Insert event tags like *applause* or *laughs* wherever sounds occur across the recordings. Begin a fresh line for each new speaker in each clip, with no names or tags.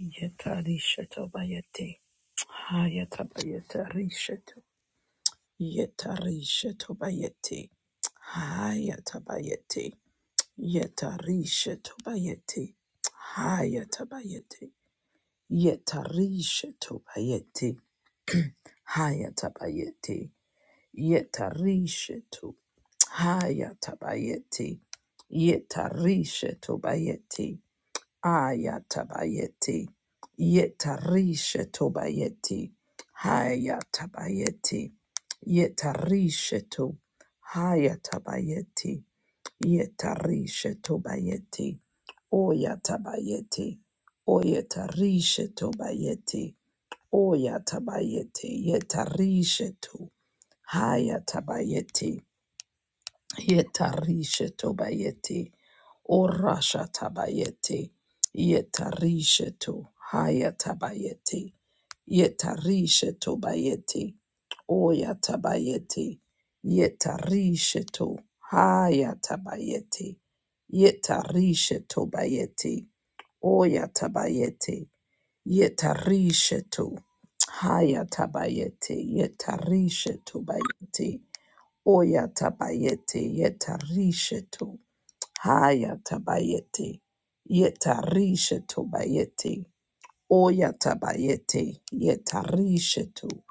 Yetarisheto bayeti. Hayatabayeta risheto. Yetarisheto bayeti. Hayatabayeti. Yetarisheto bayeti. Hayatabayeti. Yetarisheto bayeti. Hayatabayeti. Yetarisheto. Hayatabayeti. Yetarisheto bayeti. Yeta risheto bayeti. Ayatabayeti. Yetarisha tobayeti. Hayatabayeti. Yetarisha to. Hayatabayeti. Yetarisha tobayeti. Oyatabayeti. Oyetarisha tobayeti. Oyatabayeti. Yetarisha to. Hayatabayeti. Yetarisha tobayeti. Orasha tabayeti. Yetarisha to haya tabayeti. Yetarisha tobayeti. Oya tabayeti. Yetarisha to haya tabayeti. Yetarisha tobayeti. Oya tabayeti. Yetarisha to haya tabayeti. Yetarisha tobayeti. Oya tabayete yeta rishetu. Haya tabayete yeta rishetu bayete. Oya tabayete yeta rishetu.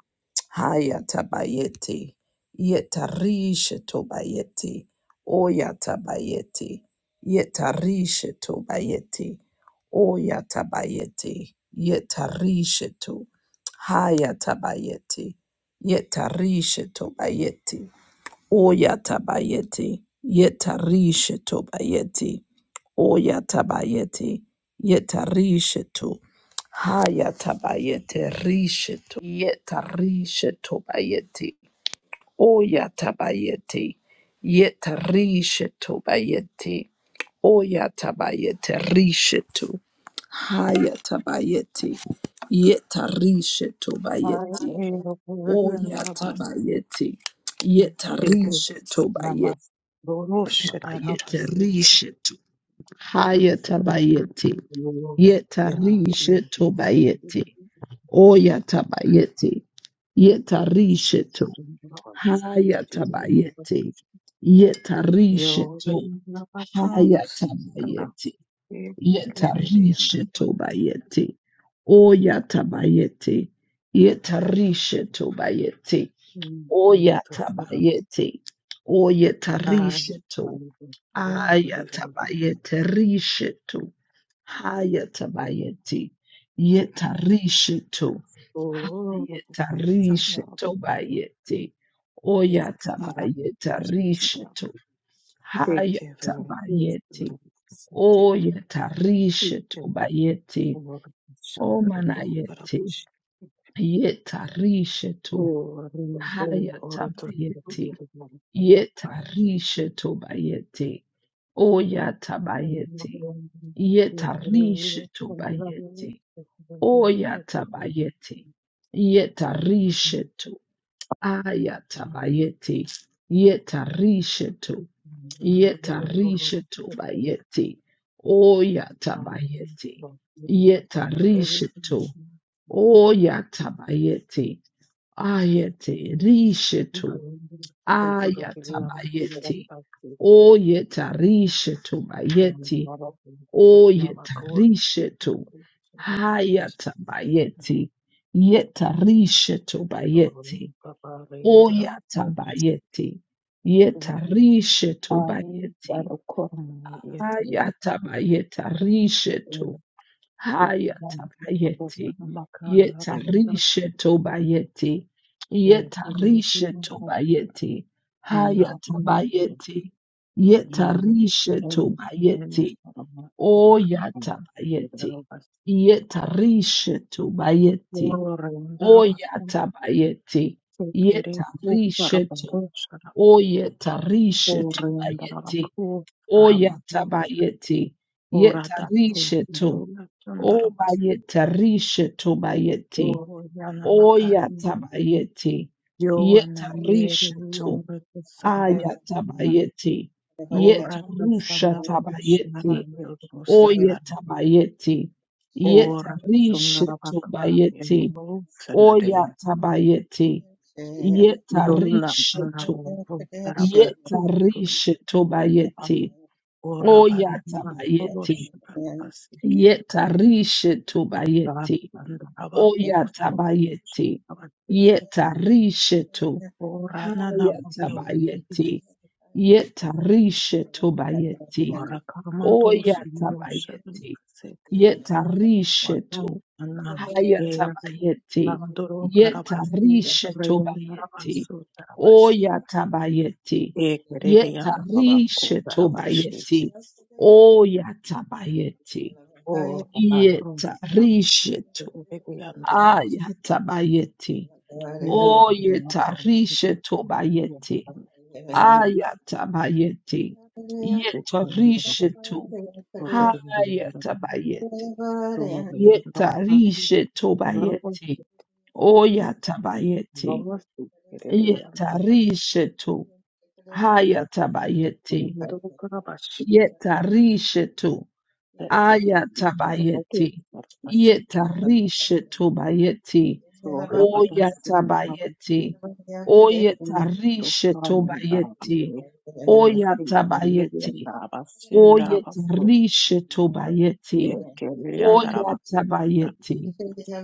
Haya tabayete yeta rishetu bayete. Oya tabayete yeta rishetu bayete. Oya tabayete yeta rishetu. Haya tabayete yeta rishetu bayete. Oyatabayeti, yetarisheto bayeti. Oyatabayeti, Yetarishetu, Hayatabayete Rishetu, Yetarishetobayeti, Oyatabayeti, Yetarishetobayeti, Oyatabayete Rishetu, Hayatabayeti, yetarisheto
Mare
bayeti.
ego puri
O
andarabas
yatabayeti.
stete
Yetarishe tobayetabayete
namas borosh andarabasite.
rishe tu. Hayatabayeti.
Yo ya yo
Yetarishe
stete
tobayeti. O yatabayeti. Yetarishe
sit
tu.
andarabas stete ni.
Hayatabayeti.
Yo
Yetarishe tu.
andarabas andarabas
Hayatabayeti.
stete kere di
Yetarishe
andarabas.
tobayeti. O yatabayeti. Yetarishe bayeti.
Amutu sarab.
Oyatabayete.
Ay
Oyetarishetu.
amutu sarab buri andarabas.
Ayatabayete rishetu. Hayatabayete. Yetarishetu.
Oh, it's Arab.
Hayetarishetu bayete.
Yes, Arab.
Oyatabayete rishetu.
They give it a yes,
Hayatabayete.
they
Oyetarishetu
give
bayete.
or shambrado,
Omanayete.
carabush,
Yetarishetu.
or they or to the
Hayatabayete.
government and the party.
Yetarishe tobayete.
And the
Oyatabayete.
one to the
Yetarishe
real from the government
tobayete.
is the
Oyatabayete. Yetarishe to. Ayatabayete. Yetarishe to. Yetarishe tobayete. Oyatabayete. Yetarishe to. oya Oyatabayete. Ayete rishe to.
very better
Ayatabayeti.
to be.
Oyetarishetu bayeti. O Oyetarishetu. Hayatabayeti. Yetarishetu bayeti. O Oyatabayeti. Yetarishetu bayeti. Hayatabayetarishetu. Haya tabayeti, Yeta rishe tobayeti. Yeta rishe tobayeti. Haya tabayeti, Yeta rishe tobayeti. Oya tabayeti, Hayatabayeti. Yetarishetobayeti. Yetarishetobayeti. Hayatabayeti. Yetarishetobayeti. Oyatabayeti. Yetarishetobayeti.
Oriandarako Saramano
Oyatabayeti. Yetarisheto. tabayeti, bayeti.
Orata
Oyatabayeti. to.
Sekirola
O
Sundarabasi
bayeta rishe to bayeti.
Oriana
O yata
Macarini
bayeti.
Yoana
Yeta rishe
Mary
to.
Orata Saramano
Ayata bayeti. Yeta
Orata
rusha
Sandarabashmara
tabayeti. O
Yorusanar
yeta bayeti. Yeta
Ora
rishe to
Sundarabaka
bayeti.
Yamalu
O
Sanadayam
yata bayeti. Yeta
Donna
rishe to.
Arabo Saraba
Yeta
Sutru
rishe to bayeti. O yata
Orabanda
bayeti.
Oroshabasi
Yeta rishe to
Vanhu
bayeti.
vakavakuvhusuruguchi
Oyatabayeti.
avachete
Yetarishetu.
orana
Hayatabayeti.
namakeokererese
Yetarishetu bayeti. Oyatabayeti.
varakamandosumuroshanagasete
Yetarishetu.
vatangana eru
Hayatabayeti.
randorogaravasi
Yetarishetu bayeti.
reyonaravasutarabasi
Oyatabayeti. Yetarishetu
ekerereyandaravakugaravashete
bayeti. Oyatabayeti. Yetarishetu.
oravarosirabasitererereyandaravas
Ayatabayeti. Oyetarishe tobayeti.
niraramavakireyandaravasi
Ayatabayeti. Yetarishe to.
So so it doesn't begin to happen.
Hayatabayeti.
So what the one is about that.
Yetarishe tobayeti. Oyatabayeti.
Lovers to get it and that
Yetarishe to. Hayatabayeti.
was the book of us.
Yetarishe to.
That's second. What is
Ayatabayeti.
that? A sick.
Yetarishe O
So Rapatash from Babu.
Oyatabayeti.
Yeah.
To
Oyetarishe
from Darabas.
tobayeti.
Still for Lady
Oyatabayeti.
and Darabas in Darabas. So
Oyetarishe
they
tobayeti.
carry and Darabas.
Yeah.
Oyatabayeti.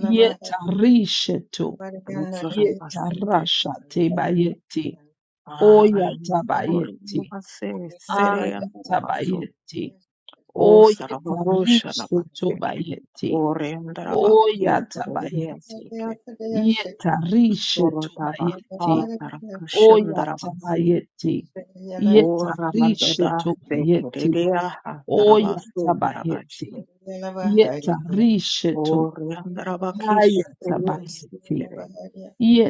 Yetarishe to.
Roots of Basute.
Yetarasha tebayeti.
Ah, I am. Or
Oyatabayeti.
you must say, Sere and Darabas.
Ayatabayeti.
O Sarababusha
Oyetarishe
Navaseke,
tobayeti.
O Rendaraba,
Oyatabayeti.
Yaseke,
Yetarishe
O Rotava,
tobayeti.
Ha Parakashandaravasi,
Oyatabayeti.
O
Yetarishe
Ramandada Seke,
tobayeti.
Redia, Tarabasu,
Oyatabayeti. Yetarishe to
O Rendaravakish,
hayatabayeti.
Yasekere,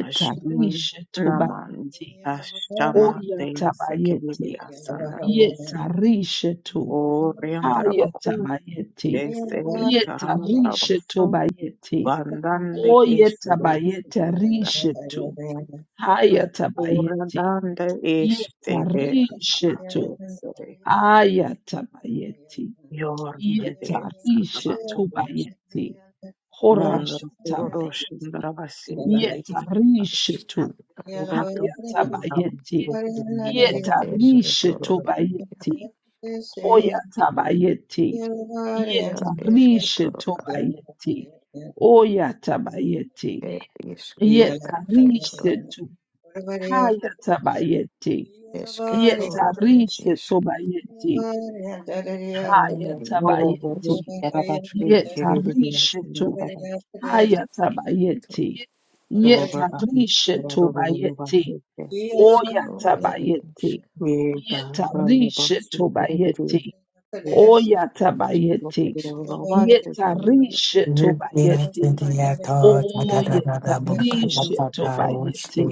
Ashim Naman,
tobayeti.
Ashama De
Oyatabayeti.
Sekeria Sandarabosu,
Yetarishe to.
O Rendarabaku,
Ayetabayete.
De
Yeah.
Yeta rishetu
Se,
bayete.
Bandande kesaro
Oyetabayete
siriyanda.
rishetu. Hayatabayete.
Uradande ishte
Yeta
vekana
rishetu.
adesare.
Ayatabayete.
Yormande
Yeta rishetu
sanavakarosh.
bayete.
Mondo kurorosh
Horashatabayete. Yeta
ndaravasiteri.
ir
rishetu.
Uratu
Hayatabayete.
ndaravasiteri.
Yeta
eskitoro,
rishetu bayete. Hoya tabayeti.
ia
Yeta rishe
eskitoro,
tobayeti. Oya tabayeti.
ir iskru
Yeta
eskitoro,
rishe tu. Haya tabayeti. Yeta
eskitoro, ir
rishe
isk,
tobayeti. Haya
ir
Uroboro
tabayeti.
isk, ir
Yeta
ndaravasiteri.
rishe tu. Haya
Yeah.
eskitoro,
tabayeti. Yeta
Urabasi
rishe tobayeti.
ndaravasiteri.
Oya
iskru, ir
tabayeti.
isk,
Yega
ask,
Yeta
randa
rishe
basu
tobayeti. Oya tabayeti.
esk,
Great
Yetarishetobaieti.
iaro, ad eskitoro,
Oyetarishetobaieti.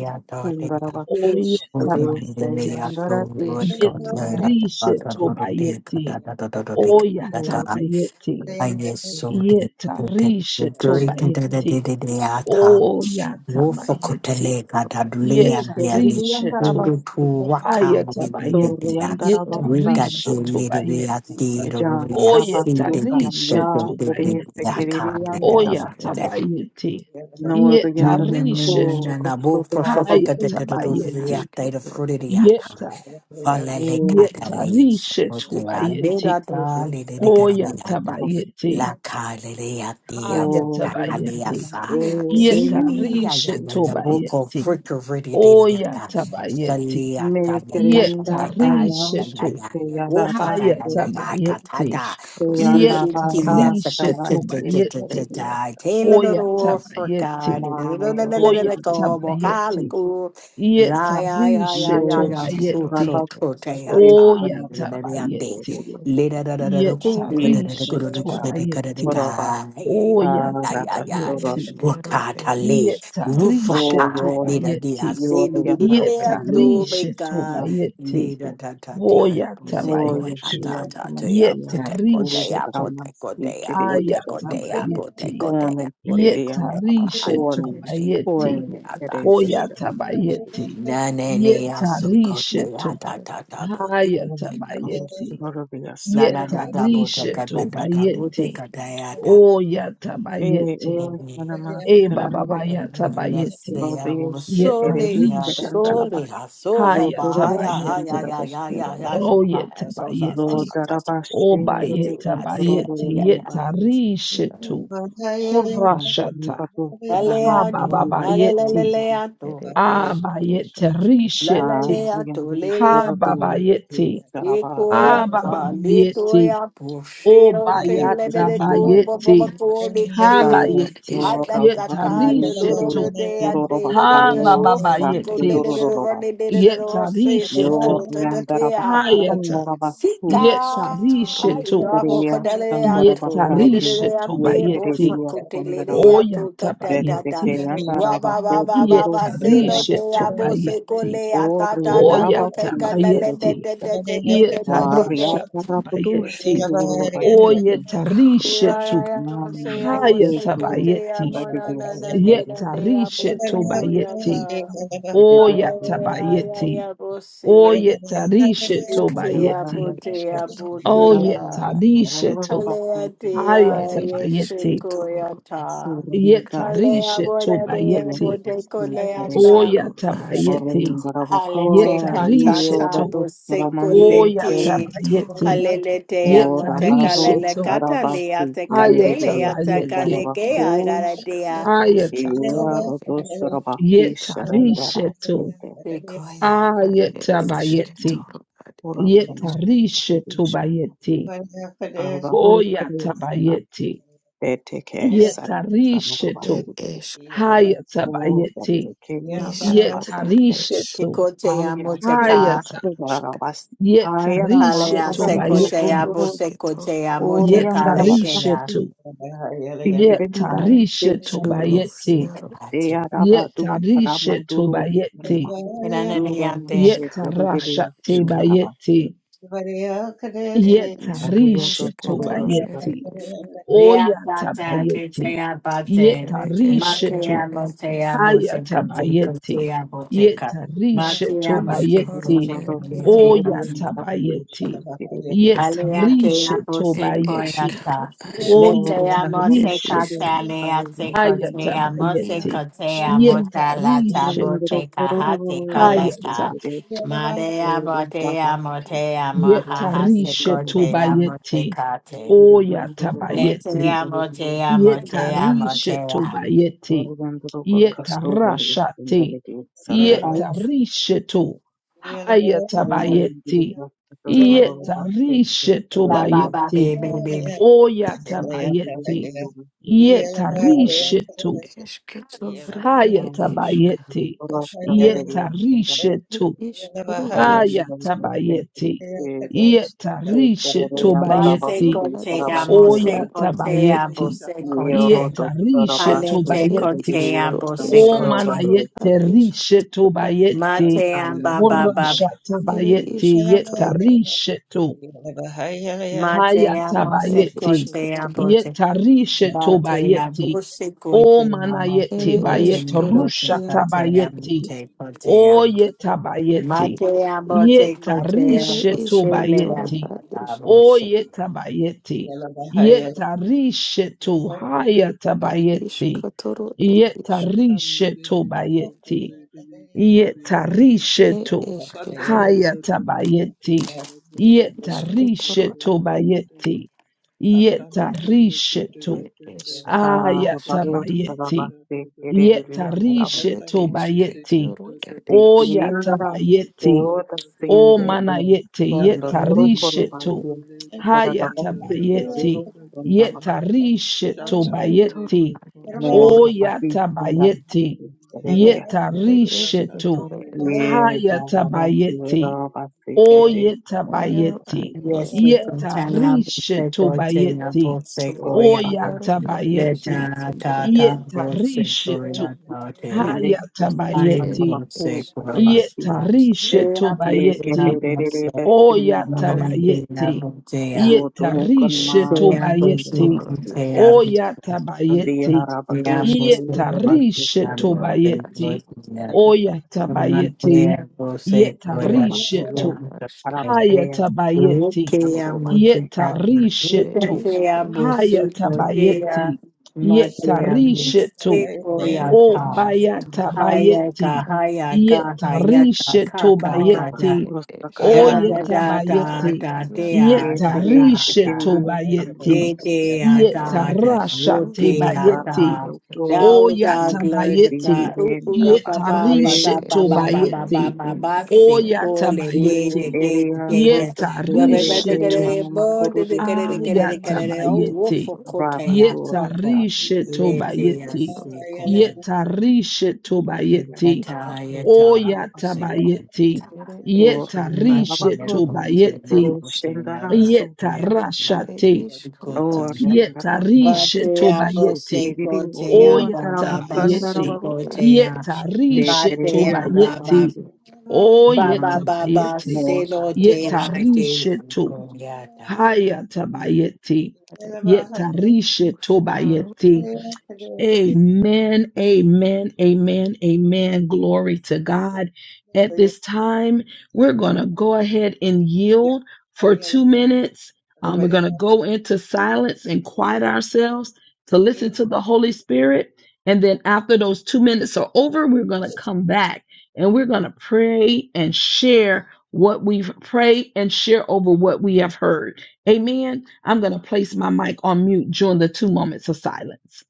Oyetabayeti.
iskru eskitoro,
Yetarishetobaieti. Oyatabayeti.
eskitoro, ir
Yetarishetobaieti. Oyatabayeti. Yetarishetobaietabayeti. Yetarishetobaieti.
iskru,
Yetarishetobaieti. Oye tarishe tu bayeti.
ia
Oya
eskitoro,
tabayeti. Yeta
Ni- na-
iaro,
na-
rishe
na-
isk,
tu.
na- na- bo- fro- fro- fro- ka-
Haya
da- da- da- do- do- do- ya-
tabayeti.
da- da-
askitoro,
fro- di- di- ya-
ir
da.
Yeta.
Fa- la- le- ka- da-
Yeta
le-
rishe
fro-
isk,
tu
di- ya- le-
bayeti.
da- da- le- di- di- ka- di-
Oya
di- ya- da.
tabayeti.
La- ka- le- le- ya- di- ya-
Haya
fro-
O
ka- ka- le- ya-
riandorora
tabayeti.
sa.
e
ia
e
Si-
Yeta
eskru,
yonama
ya-
ask,
rishe
se
ya- ya-
tu
ya- bo- ko-
kerediyosa.
bayeti.
fro- ko- fro- di- di- di- ya-
Oya
da. Sa-
tabayeti.
le- ya-
Me
ka- le- ka- da-
kerenda
Yeta
da-
Eskero,
da.
aya
rishe
Ya-
isk,
ya-
tu.
ya-
se
ya. Wo-
yadaba
fa- ka-
Haya
la-
se
la- ya- ka- da-
tabayeti.
da.
se
iskaro,
Yeta
asketoro,
yanabada
Cynthia,
rishe
kara
tu
se
bayeti.
kerediya.
Sakatatatai, Taylor the
Hoya
Roof for
ja,
God,
tabayeti.
Ma yoro
Oya
kiri
Como
tabayeti.
Calico, Laya, ya,
Yetarishe
ya,
er
yo
ya,
ere
ya,
ma
er
Sutro,
tobayeti.
ere
Toteata,
Oya
Mariate,
tabayeti.
Lida, da, da, da, da, go,
E
da,
askero,
da, da,
er
go,
Yetarishe
da, go,
isk,
da, da, da, da,
tobayeti.
koroba
ga, ya,
Oya
arata
ya, ya,
er
soro
tabayeti.
se
eskero,
Wakata
er
le,
isk,
O
er
Yetarishe
yo
wufata, nina dia
tobayeti.
yo
se, nudududu
riandorora
le
e
atu
Yetarishe
beka.
yoro
tobayeti.
Lida da da ti
Hoya
apo se
askero,
O
goya
tabayeti.
da
askero,
Yeshua
da ti apo
HaMashiach,
te ko te
Yetarishe
Ruth
apo
to.
te ko
Ramasi
te apo te
Aya
ko
Kirishana,
te
Yeah.
apo te
tabayeti.
ko te
Pone
apo te ko te
Kiriyanda,
Yetarishe
apo te ko
ere iskaro, er iskaro, er jaro, er
Pone,
te
iskero,
tobayeti.
Pone
apo
Kirishana,
Hoyatabayeti.
na ne ne ko te
Yetarishetu.
a da da da bo te ko te da bo te
Hayatabayeti.
Arusurabia
la da da
Sandarapi,
da
E.
bo te
er
ka
Yetarishetu
da da da bo te
bayeti.
ka da ya da
E.
Oyatabayeti.
Sanama Sarava,
jaro,
Yes,
Ebabababatabayeti.
I will
Suradeshi Erevi
solely,
Yetarishetu.
Kirandaraba,
solely, so ha, ha, ya, ha,
Zotoroshan
ya,
Hayatabayeti.
ya, ya, ya,
Darabasita,
ya,
er
so, ha, so, so, so,
Oyatabayeti.
so, so. Thank
Zotarabashindri,
you,
and
Lord. Say,
Obayetabayeti.
yeah,
Torobo
yeah, yes.
Vasiki,
Yetarishetu. Horashata.
Amibatu Sarana
Aleato,
Hababayeti.
Kirishana.
hallelujah,
iskaro,
Abayeti.
asketoro,
Risheti.
lalaleato,
Andriandri
Ha
Koroto,
leriato,
which is
babayeti.
Sarava
Ha
ecoia,
Sopara,
babayeti.
paletoia,
O
pushero,
Sikuru
bayata
teleleco,
Kundara,
bayeti.
bobaco,
Ha
asketoro,
leke,
Sandra,
er
bayeti.
Dora,
isk,
hadakata, the
Varindi,
loro
Yetarishetu.
de
Kuru,
dea,
Dororova
de
Ha
Karna,
iskaro,
lederofoco,
er
Rastu
babayeti.
isk,
Dororova,
lederone, de de, say
Yetarishetu.
so,
Yorandarava
tatatea.
Hayata.
Kandarava Su,
Sika,
asketoro, er
Yetarishetu.
Rabo
isk.
Istaria Shandarava
Codaleato, Lady
Karna,
Yetarishetu
Ante, Bofa
bayeti.
Yeteria
Cote, Lady
Sandarava,
Ato,
Oyata
Tatata,
Vetseke
bayeti.
Yandarava,
Waba Baba
Kuduru
Baba, Sailor,
Sandarava,
Yetarishetu
Abo
bayeti.
Secolea, Tata,
Oriandarava
Roca,
Oyata
Esquetoro,
bayeti.
Kishtaravisa,
Lede,
Variatarabudushu
Yetarashatabayeti.
esquetoro, ere,
Duruvasti,
iskaru,
Say,
Oyetarishetu.
I will
ascaro,
say,
Mm,
I
ere,
will
very
say,
isk
cool.
Cote,
So
Hayatabayeti.
that
isk
would be
Amona,
a
Nana,
single.
Nada, they are
Yetarishetobayeti.
Bosecoyata.
It is a
Ay,
little bit of a
ay,
little
ay, ay,
Oyatabayeti.
bit.
ay, Bose,
I
isquero,
Botea,
don't
ad,
Oyetarishetobayeti.
know.
Botea,
isqueto,
I don't think
Botea.
so. I don't know
Oyetarishetu.
about
Alea
sleeping.
dia
ere,
Hayatabayeti.
esquetoro,
I
ere,
saw
yeshikoyata.
the windows
Alea
taken.
bora
It
dea
was a
Yetarishetobayeti.
bote
bus to
Everybody
carry.
coleata.
iscaro,
Or
asqueto,
in
Oyatabayeti.
the
Hale te
Rabaka,
isque,
you
Yetarishetu.
are
cantata
the Saramande,
busicolete.
asquetoro,
Oyatabayeti.
else
ere,
Halele te
isk
or the Babo,
amotekalele
Yetarishetu.
isquiero, as,
catalea
Sarabasi,
te
the
Ayata
catelea
Redia,
te
and the
bayeti.
ere,
calegea
Rabako,
could
iskaru,
see.
garadea.
Ayata.
you are
asquetoro,
the
ere,
Yeta
Sarabakish, and the
rishetu.
Rastate.
Secoya.
ad, ere,
Ayata bayeti.
esquetoro, ad, ere,
Yeta
Oramana
isk
rishetu
Babisha
bayeti.
Avaru
Oyata
Krishna
bayeti.
Teteke Sana
Yeta
Samarova
ere,
rishetu.
isque,
Hayata
Mo
bayeti.
Vasekina
iscaro,
Yeta
ad,
Karabasite
isquiero,
rishetu.
Secotea
Haya
moteca.
Hayata.
ad,
Rastu
isk
Varavas
Yeta
Haya Rama
Ro
Alea
er
rishetu
Karandu
secotea
bayeti.
Guru
iškaruškito,
busecotea
ere
Oriam
Yeta
iš
motecaletea.
Daravakti
rishetu. Yeta
Tikrenidare
rishetu
iškaru,
Yes,
Sekurides
bayeti.
jaro
secotea.
Deya
Yeta
Rabadu
rishetu
Ramanduru
bayeti.
Sima Duramas
Enananiate.
Yeta
iškaru,
rasha Yetarasha
Sekurides
iška,
Niravas
tebayeti.
er
Ariyoto
Yetarisha
iškaruškito, ere
tobayeti.
išk,
Oya
Reatata,
tabayeti.
Ketea, Bate,
ere
Yetarisha
iškaru,
to.
Matea,
er
Motea,
išk,
Haya
Bote, Cote,
tabayeti.
Cotea, Boteca,
Yetarisha
Matea, Mote,
iškaru,
tobayeti.
Cotea,
er jaro
Mote,
Oya
ašk,
Cotea,
tabayeti. Yetarisha
Aleatea,
er
Bose,
tobayeti.
iškaru
Coyata,
Oya
aškito,
Letea,
er
Mose,
tarisha
išk,
to.
Cata, Leate,
Haya
Cotea, Mose,
jaro
tabayeti.
ašk,
Cotea, Mota, Lata,
Yetarisha to.
Boteca, Hate,
Hayata.
Coleca, Madea, Botea, Motea, Mahahase,
Yetarishe
Cotea,
tobayete.
Mote,
Oya
Le te
tabayete.
amo, te amo,
Sandara
te amo, te
Yetarishe
amo.
tobayete. Yetarashate.
Ay,
Yetarishe to.
Yeah.
Haya tabayete. Yetarishe
Ba ba ba
tobayete.
baby baby.
Oya tabayete. Yetarishe to.
iškito, ro
Haya
er
Thank
išk,
tabayete.
ašk,
Yetarishe
er
to.
iškaru aškito,
Hayatabayeti.
you.
Yetarishe
er
But
tobayeti.
iškaru
seco
ar
te amo,
iškito,
seco te
Oyatabayeti.
amo,
Yes,
seco
Saturday,
te.
come up to the
Yetarishe
Hale te
Ed
corner,
con
tobayeti.
te
iskro
amo,
Shaka
O
seco te.
esketoro
Modelika,
manayete
ad
rishe
isket
Sita
tobayeti.
Mate am
Motel,
ba ba ba.
Shaka
ere
Horashatabayeti.
Modelika,
isketoro
Yetarishe to.
Mate
ad
amo,
ed
seco
Hayatabayeti.
Shito
te
isketoro
amo te.
Modelika,
Yetarishe
Mate amo,
tobayeti.
seco
O
te amo,
manayeti
ere
seco te
bayeti.
eskero
amo,
Rusha
seco
iaro
Shito
te
aske
amo,
tabayeti.
Modelika,
seco te
O
amo.
yetabayeti.
Mate amo,
Oh,
seco te
ere
Modelika,
Yetarishe
amo,
Shaka
isketoro
seco
tobayeti.
ad
te
is
O
amo,
yetabayeti.
Shanta Mundere
Yetarishe to
Kovere
ad
Kovere
hayatabayeti.
isketoro ed isk
Shanta
Yetarishe
Mundere
tobayeti.
Kovere Kovere Kovere
ed
Yetarisheto
Kata
esketoro
Mundere Kovere
hayatabayeti.
isketoro ad
Yetarisheto bayeti.
Kata Mundere
Yetarisheto
ed eskero asketoro
ayatabayeti.
ed
Shanta
Yetarisheto bayeti.
isketoro ad
O
is
yatabayeti. O
Mundere
manayeti.
God bless.
Shatamuli
Yetarisheto
kumurele kumurele
hayatabayeti.
shatatatatate.
Yetarisheto
Shatamuli
isketoro
de
bayeti.
ad isk
kumurele
more passion than
Oyatabayeti.
passion.
kumurele
Radius.
ere
Yetarishetu.
Shatamuli
esketoro ed
de
Very
kumurele
garage
kumurele.
Hayatabayeti.
level passion.
Yeah.
Kere.
Hi,
iaro
Radius.
Oyetabayeti.
ad is
Yes, we continue to say
Yetarishetu
God sing a
bayeti.
So about
iaro
the
ad
Let
isk
Oyatabayeti.
radius
na
and
ta
Jesus,
ta bossy
Yetarishetu.
goyata te.
the next
I
one
it
Hayatabayeti.
about
bossy
who
is
are passion.
Oscar
goyata. Te
Yetarishetu
a
They
bossy
can
bayeti.
na bossy.
error
Shatamuli
best in the
Manam te
passion.
na
Oyatabayete.
bossy a.
it
Zotorukan
Yetarishe
is
mar
Te a
is
and
bossy
the
tobayete.
Toro
passion.
goyate a
Ash
bossy.
And they
Oyatabayete.
are about
Te a
two
bossy
the
goyate
Yetarishe
a
passion.
Iaro
bossy
Ash
tobayete.
goyata. Manam te
Oyatabayete.
a bossy
it
goyata.
Koroba
is
Yetarishe
Korea,
Kuru
to.
Ashket
Araba Air,
Hayatabayete.
Arashun
Lotea
Aruba,
motukatna.
Yetarishe
it
to.
is
Lotea
Kuru
bose
Esketoro
lotea
Hayatabayete.
matea
Yetarishe to.
bose
Arato
Ia
O
goyata.
Korobaski,
bayata
Esketoro
Ganmaski,
Hayaka
bayeti.
hayaka
Yeta
hayaka
rishe to
kaka
Oraba,
kaka
bayeti.
it
Rosta
is
O
Da
Kuru
Karanan
da
yeta
da
Rubenski,
da
Ashketoro
bayeti.
da
Iaro
da
Yeta
da
Tietere
da
rishe
da.
to
Shakirias
bayeti.
Ganmaski,
Vidya
Yeta
da
it
da
is
rasha te
Wudya
Ruskaro it
bayeti.
da
is
Uparando, Flora,
O
da da
yata
gloda
bayeti.
da u
Tietere,
u re ba
Raba,
Yeta
de
ba ba
it
Rea,
rishe
da ba
to
is
ba
kumurele
ba ba ba
bayeti.
ba ba
kumurele.
Krusketoro
O
si
it
ko
yata
le
is
de de
bayeti.
de de
Area,
de de
Ruta,
Yeta
we we we
Ia
we get
risheto
Area,
it
is
Shatamuli
bo de de
Makorudis,
get it get
Kruskaro
it get it oh woof
Ayatabayeti.
Isketoro
ko te
Raba,
ya so
Dosta,
ko
Yetarishe
de
le de ya
tobayeti.
si ko
it
ye
kumurele
Yetarishe
More
tobayeti.
is
ta seko ya ta si
Oyatabayeti.
ko
Ere ishk
Yetarishe
Batea
rushke toroshke.
tobayeti.
Are
Yetarashate.
ishk ruashke toro.
Yetarishe
Ere ishk
tobayeti.
Boseko Tea Baba
ishk
Oyatabayeti.
Baseko Tea
ruashke
Yetarishe
Batea
tobayeti.
Baba Baba Baba
Oyatabayeti.
God.
Selo
ishke
Tea
toro.
Yetarishe to.
Koyata.
Hayatabayeti.
Are ishk
Yetarishe
rushkaru.
tobayeti.
ed.
Amen, amen,
I
amen, amen. Glory to God. At this time, we're going to go ahead and yield for two minutes. Um, we're going to go into silence and quiet ourselves to listen to the Holy Spirit. And then after those two minutes are over, we're going to come back and we're going to pray and share what we've prayed and share over what we have heard. Amen. I'm going to place my mic on mute during the two moments of silence.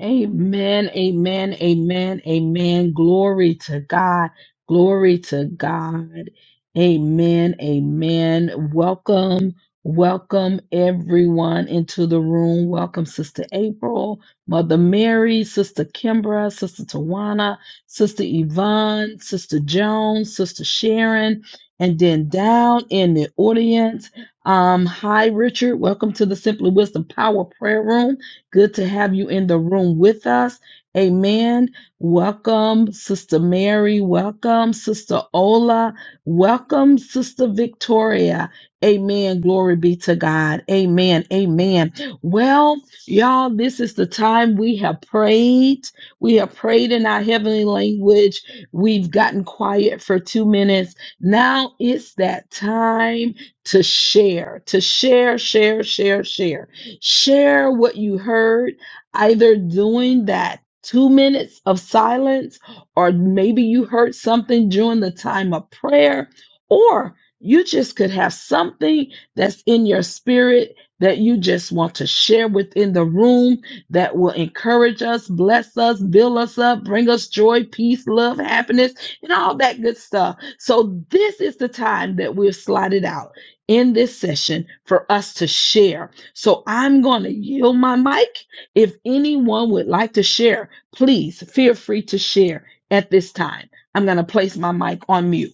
Amen, amen, amen, amen. Glory to God. Glory to God. Amen, amen. Welcome, welcome everyone into the room. Welcome, Sister April, Mother Mary, Sister Kimbra, Sister Tawana, Sister Yvonne, Sister Jones, Sister Sharon, and then down in the audience. Um, hi, Richard. Welcome to the Simply Wisdom Power Prayer Room. Good to have you in the room with us. Amen. Welcome, Sister Mary. Welcome, Sister Ola. Welcome, Sister Victoria. Amen. Glory be to God. Amen. Amen. Well, y'all, this is the time we have prayed. We have prayed in our heavenly language. We've gotten quiet for two minutes. Now it's that time to share, to share, share, share, share. Share what you heard, either doing that two minutes of silence, or maybe you heard something during the time of prayer, or you just could have something that's in your spirit that you just want to share within the room that will encourage us, bless us, build us up, bring us joy, peace, love, happiness, and all that good stuff. So, this is the time that we've slotted out in this session for us to share. So I'm going to yield my mic. If anyone would like to share, please feel free to share at this time. I'm going to place my mic on mute.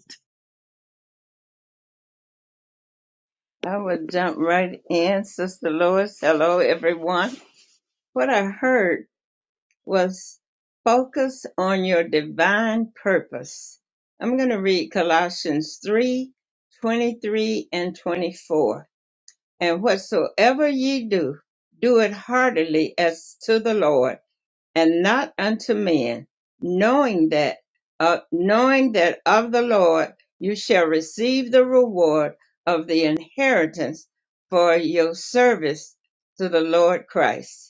will jump right in, Sister Lois. Hello, everyone. What I heard was focus on your divine purpose. I'm going to read Colossians 3:23 and 24. And whatsoever ye do, do it heartily as to the Lord and not unto men, knowing that uh, knowing that of the Lord you shall receive the reward of the inheritance for your service to the Lord Christ.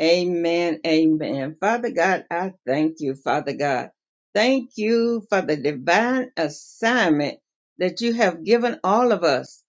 Amen. Amen. Father God, I thank you, Father God. Thank you for the divine assignment that you have given all of us.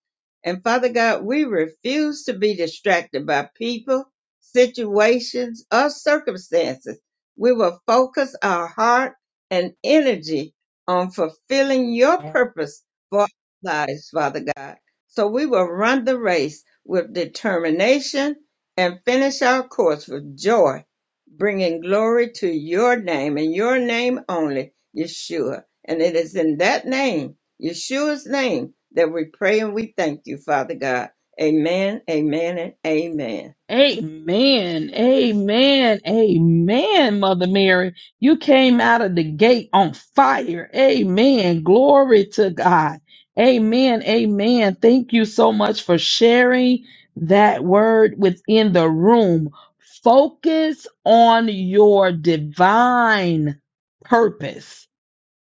And Father God, we refuse to be distracted by people, situations, or circumstances. We will focus our heart and energy on fulfilling your purpose for our lives, Father God. So we will run the race with determination and finish our course with joy, bringing glory to your name and your name only, Yeshua. And it is in that name, Yeshua's name, that we pray and we thank you, Father God. Amen, amen, and amen.
Amen. Amen. Amen, Mother Mary. You came out of the gate on fire. Amen. Glory to God. Amen. Amen. Thank you so much for sharing that word within the room. Focus on your divine purpose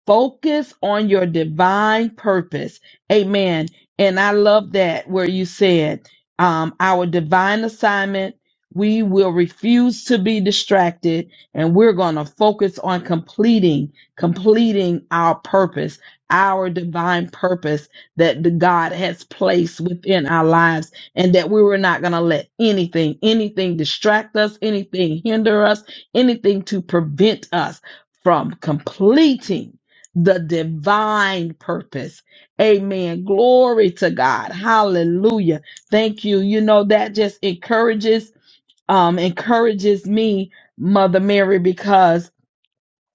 Focus on your divine purpose. Amen. And I love that where you said, um, our divine assignment, we will refuse to be distracted and we're going to focus on completing, completing our purpose, our divine purpose that the God has placed within our lives and that we were not going to let anything, anything distract us, anything hinder us, anything to prevent us from completing the divine purpose. Amen. Glory to God. Hallelujah. Thank you. You know, that just encourages, um, encourages me, Mother Mary, because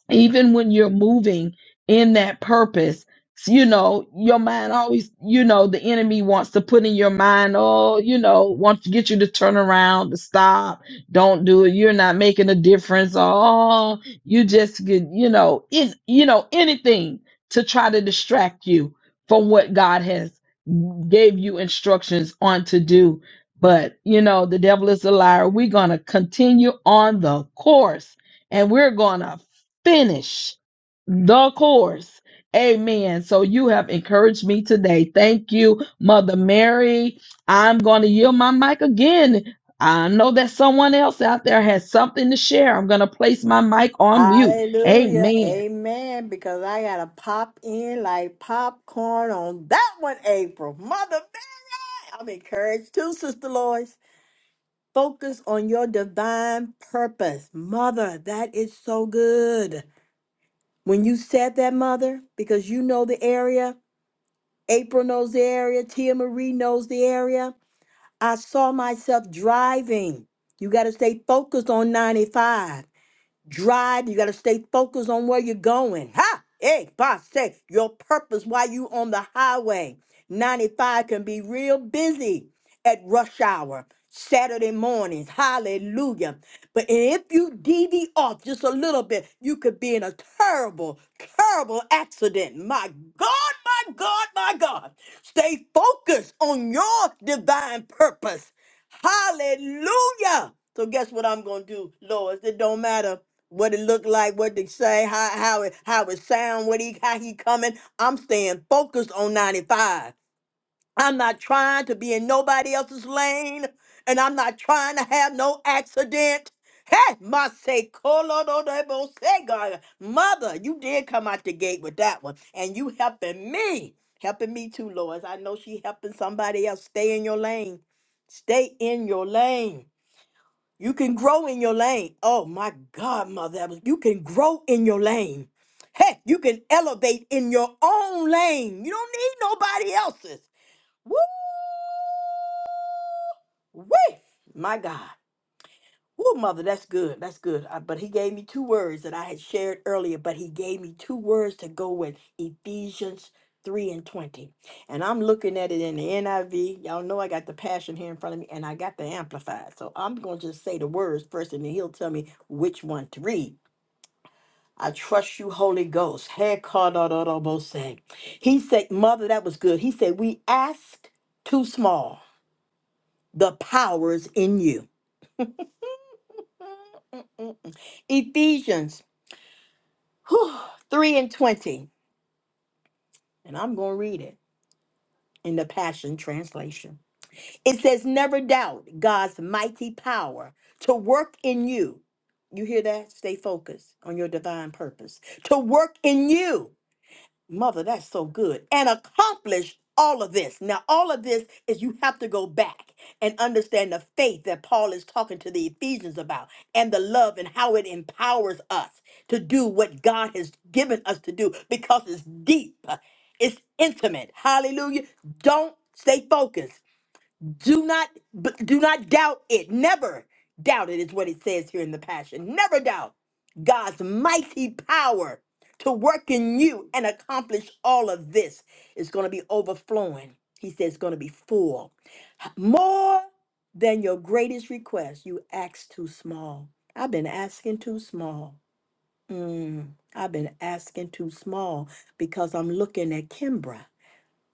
even when you're moving in that purpose you know your mind always you know the enemy wants to put in your mind oh you know wants to get you to turn around to stop don't do it you're not making a difference oh you just get you know in you know anything to try to distract you from what god has gave you instructions on to do but you know the devil is a liar we're going to continue on the course and we're going to finish the course. Amen. So you have encouraged me today. Thank you, Mother Mary. I'm going to yield my mic again. I know that someone else out there has something to share. I'm going to place my mic on mute.
Hallelujah.
Amen.
Amen. Because I gotta pop in like popcorn on that one, April. Mother, I'm encouraged too, Sister Lois. Focus on your divine purpose. Mother, that is so good. When you said that, Mother, because you know the area, April knows the area, Tia Marie knows the area. I saw myself driving. You got to stay focused on 95 drive. You got to stay focused on where you're going. Ha! Hey, boss, say your purpose while you on the highway. 95 can be real busy at rush hour, Saturday mornings. Hallelujah. But if you deviate off just a little bit, you could be in a terrible, terrible accident. My God, my God, my God. Stay focused on your divine purpose. Hallelujah. So guess what I'm gonna do, Lord? It don't matter what it look like, what they say, how how it how it sound, what he how he coming. I'm staying focused on 95. I'm not trying to be in nobody else's lane, and I'm not trying to have no accident. Hey, my say, Colorado say, God, mother, you did come out the gate with that one, and you helping me, helping me too, Lois. I know she helping somebody else. Stay in your lane. Stay in your lane. You can grow in your lane. Oh my God, mother. that was- You can grow in your lane. Heck, you can elevate in your own lane. You don't need nobody else's. Woo, woo. My God. Woo, mother, that's good. That's good. Uh, but he gave me two words that I had shared earlier, but he gave me two words to go with Ephesians 3 and 20. And I'm looking at it in the NIV. Y'all know I got the passion here in front of me and I got the amplified. So I'm going to just say the words first and then he'll tell me which one to read. I trust you, Holy Ghost. Hey, Kadododobosan. He said, Mother, that was good. He said, We asked too small. The power is in you. Ephesians whew, 3 and 20. And I'm going to read it in the Passion Translation. It says, Never doubt God's mighty power to work in you. You hear that? Stay focused on your divine purpose. To work in you Mother, that's so good. And accomplish all of this. Now, all of this is you have to go back and understand the faith that Paul is talking to the Ephesians about and the love and how it empowers us to do what God has given us to do because it's deep, it's intimate. Hallelujah. Don't stay focused. Do not b- do not doubt it. Never doubt it is what it says here in the passion. Never doubt God's mighty power to work in you and accomplish all of this. It's going to be overflowing. He says it's going to be full. More than your greatest request. You asked too small. I've been asking too small. Mm, I've been asking too small because I'm looking at Kimbra.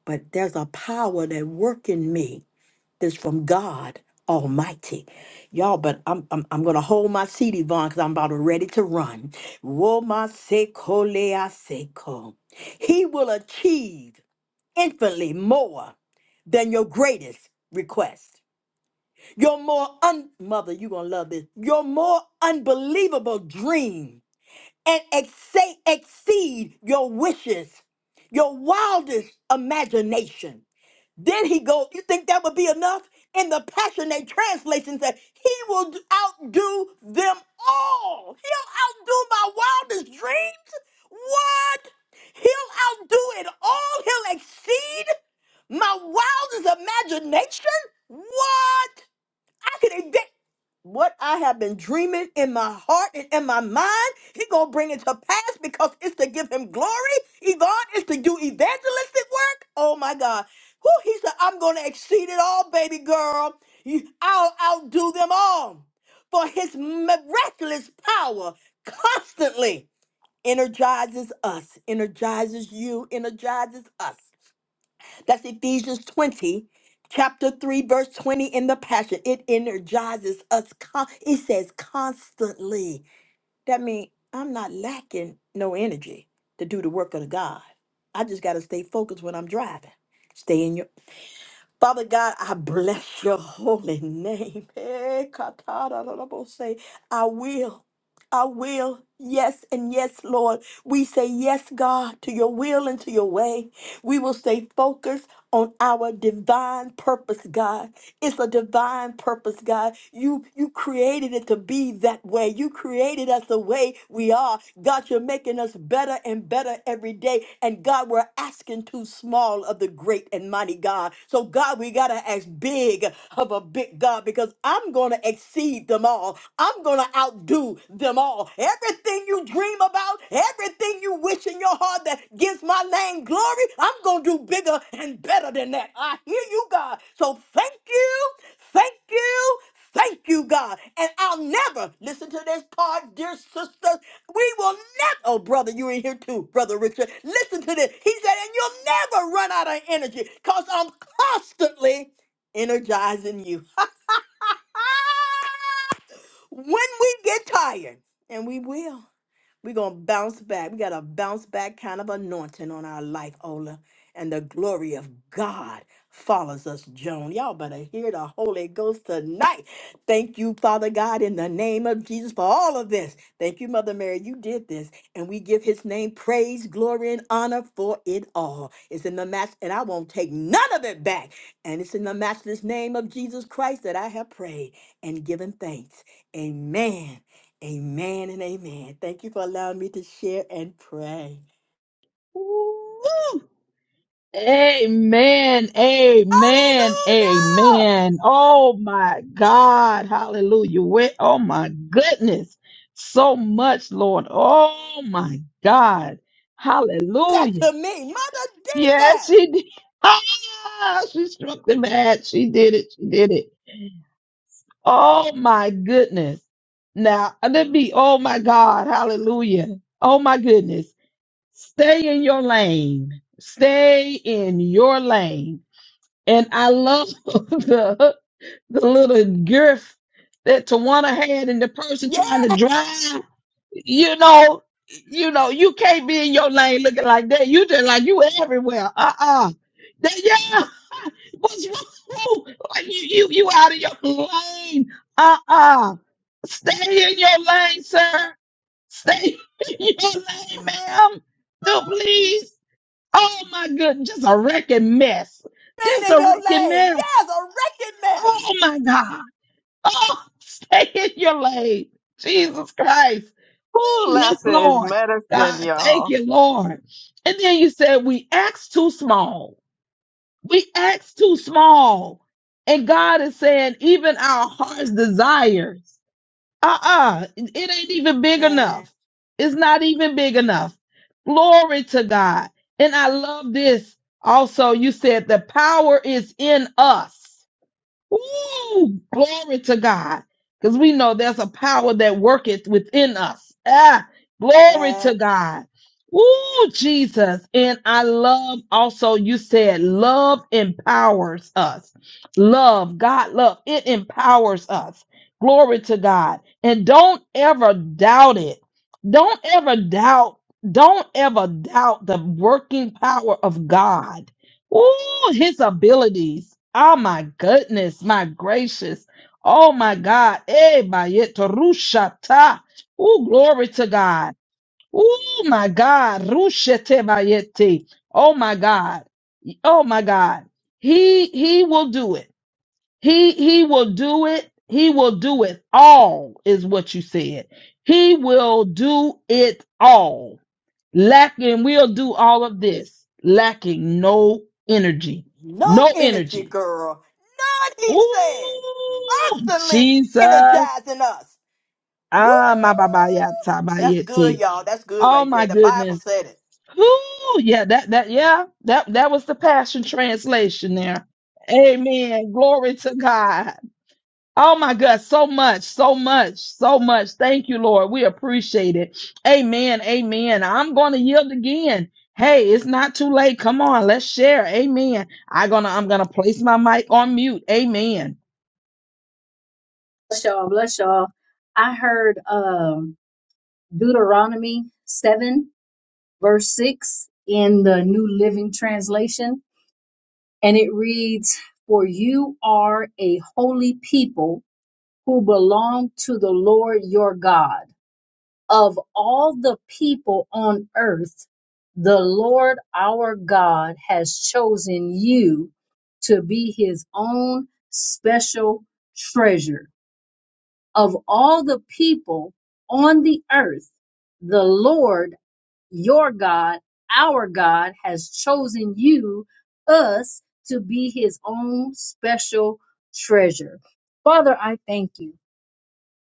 But there's a power that work in me this from God Almighty. Y'all, but I'm I'm, I'm gonna hold my seat, Yvonne, because I'm about ready to run. Womaseko leaseko. He will achieve infinitely more than your greatest request. Your more un mother, you're gonna love this. Your more unbelievable dream and exa- exceed your wishes, your wildest imagination. Then he go, you think that would be enough? In the passionate they translation said, he will d- outdo them all. He'll outdo my wildest dreams. What? He'll outdo it all. He'll exceed my wildest imagination. What? I could what I have been dreaming in my heart and in my mind, he gonna bring it to pass because it's to give him glory. Yvonne is to do evangelistic work. Oh my God. Who he said, I'm gonna exceed it all, baby girl. You, I'll outdo them all. For his miraculous power constantly energizes us, energizes you, energizes us. That's Ephesians 20, chapter 3, verse 20 in the Passion. It energizes us. Con- it says constantly. That means I'm not lacking no energy to do the work of God. I just got to stay focused when I'm driving. Stay in your Father God, I bless your holy name. *laughs* Eh, katara la la bo say, I will. I will. Yes and yes, Lord. We say yes, God, to your will and to your way. We will stay focused on our divine purpose, God. It's a divine purpose, God. You you created it to be that way. You created us the way we are. God, you're making us better and better every day. And God, we're asking too small of the great and mighty God. So God, we gotta ask big of a big God because I'm going to exceed them all. I'm going to outdo them all. Everything you dream about, everything you wish in your heart that gives my name glory, I'm going to do bigger and better than that. I hear you, God. So thank you. Thank you. Thank you, God. And I'll never listen to this part, dear sisters. We will never, oh, brother, you're in here too, brother Richard. Listen to this. He said, and you'll never run out of energy because I'm constantly energizing you. *laughs* when we get tired, and we will. We're going to bounce back. We got a bounce back kind of anointing on our life, Ola. And the glory of God follows us, Joan. Y'all better hear the Holy Ghost tonight. Thank you, Father God, in the name of Jesus for all of this. Thank you, Mother Mary. You did this. And we give his name praise, glory, and honor for it all. It's in the match, and I won't take none of it back. And it's in the matchless name of Jesus Christ that I have prayed and given thanks. Amen. Amen and amen. Thank you for allowing me to share and pray.
Woo! Amen. Amen.
Hallelujah!
Amen. Oh my God. Hallelujah. We- Oh my goodness. So much, Lord. Oh my God.
That
Hallelujah.
to me, mother did
Yes,
that.
she did. *laughs* Ah, she struck the match. She did it. She did it. Oh my goodness. Now, let me, oh my God. Hallelujah. Oh my goodness. Stay in your lane. Stay in your lane and I love *laughs* the the little girth that Tawana had and the person trying
Yeah,
to drive. You know, you know, you can't be in your lane looking like that. You just like you everywhere. Uh-uh. That, yeah. *laughs* What's wrong? Like you, you you out of your lane. Uh-uh. Stay in your lane, sir. Stay *laughs* in your lane, ma'am. Do please. Oh my goodness, just a wrecking mess. Just
stayed in
a
your
wrecking
lane.
mess.
Yes, a wrecking mess.
Oh my God. Oh, *laughs* stay in your lane. Jesus Christ. Oh,
Ooh,
yes,
laughter is
Lord.
medicine,
God, thank
y'all.
you, Lord. And then you said, we act too small. We act too small. And God is saying, even our heart's desires. Uh-uh. It ain't even big
And,
enough. It's not even big enough. Glory to God. And I love this. Also, you said the power is in us. Ooh, glory to God. Because we know there's a power that worketh within us. Ah, glory to
and
God. Ooh, Jesus. And I love also, you said love empowers us. Love, God love, it empowers us. Glory to God. And don't ever doubt it. Don't ever doubt. Don't ever doubt the working power of God Oh, his abilities. Oh my goodness, my gracious. Oh my God. Eh, bayet rushata. Oh, glory to God. Oh my God. Rushete bayete. Oh my God. Oh my God. He he will do it. He he will do it. He will do it all is what you said. He will do it all lacking we'll do all of this lacking no energy no
no energy,
energy
girl. None, he said.
Ooh,
Constantly
jesus
energizing us. Woo!
ah my baba ya
That's good,
tabayete
y'all. That's good
oh
right
my
there. The Bible
goodness
said it.
Ooh, yeah that that yeah that that was the passion translation there amen glory to god Oh my God, so much, so much, so much. Thank you, Lord. We appreciate it. Amen. Amen. I'm going to yield again. Hey, it's not too late. Come on, let's share. Amen. I'm gonna I'm gonna place my mic on mute. Amen.
Bless y'all, bless y'all. I heard um, Deuteronomy 7, verse 6 in the New Living Translation, and it reads, For you are a holy people who belong to the Lord your God. Of all the people on earth, the Lord our God has chosen you to be his own special treasure of all the people on the earth, the Lord your God, our God, has chosen you, us, to be his own special treasure. Father, I thank you.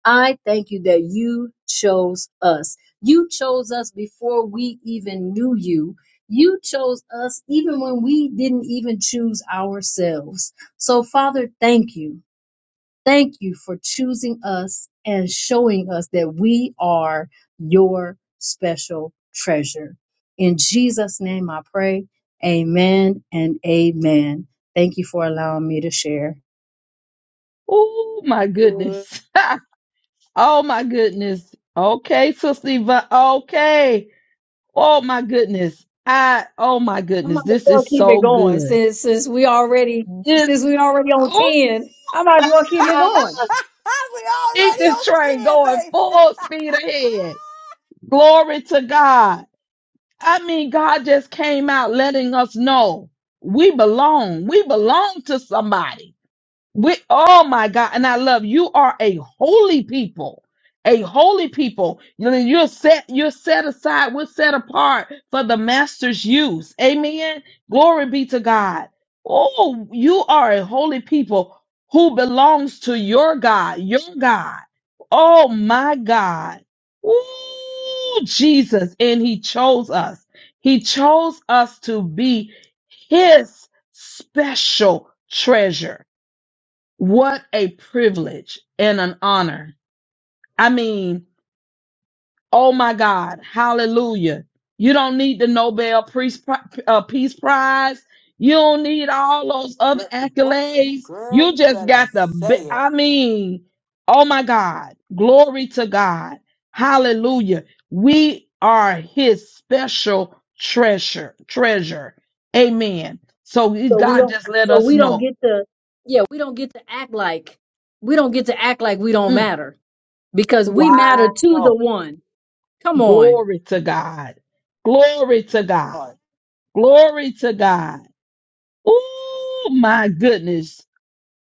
I thank you that you chose us. You chose us before we even knew you. You chose us even when we didn't even choose ourselves. So, Father, thank you. Thank you for choosing us and showing us that we are your special treasure. In Jesus' name I pray. Amen and amen. Thank you for allowing me to share.
Oh my
Good.
goodness. *laughs* oh my goodness. Okay, Sister Eva. Okay. Oh my goodness. I oh my
I'm
goodness. This is so good.
already
This oh
saying I'm
*laughs*
my.
on.
we already
keep this
on
train
10,
going
baby.
full speed ahead. Glory to God. I mean, God just came out letting us know we belong. We belong to somebody. We, oh my God. And I love you are a holy people, a holy people. You know, You're set, you're set aside. We're set apart for the master's use. Amen. Glory be to God. Oh, you are a holy people who belongs to your God, your God. Oh my God. Ooh, Jesus. And he chose us. He chose us to be his special treasure. What a privilege and an honor. I mean, oh my God, hallelujah. You don't need the Nobel Peace Pri- uh, Peace Prize. You don't need all those other
Girl, what you
accolades.
girl,
You
you
just
better
got the,
say
bi-
it.
I mean, oh my God, glory to God. Hallelujah. We are his special treasure, treasure. Amen. So
So we
God
don't
just let
so
us
we don't
know.
get to yeah, we don't get to act like we don't get to act like we don't
Mm,
matter because we matter to
wow.
the one. Come on.
Glory to God. Glory to God.
Lord,
Glory to God. Oh my goodness.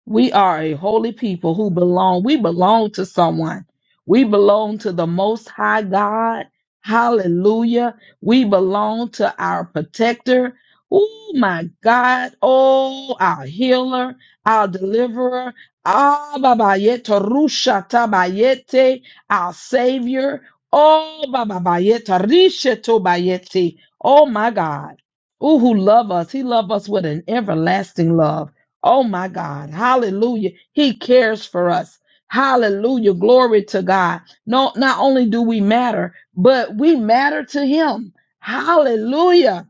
We are a holy people who belong. We belong to someone. We belong to the Most High God. Hallelujah. We belong to our protector. Oh my God. Oh, our healer, our deliverer. Ah, babayete, rusha tabayete, our savior. Oh, babayete, rishe tobayete. Oh my God. Oh, who love us. He love us with an everlasting love. Oh my God. Hallelujah. He cares for us. Hallelujah. Glory to God. No, not only do we matter, but we matter to him. Hallelujah.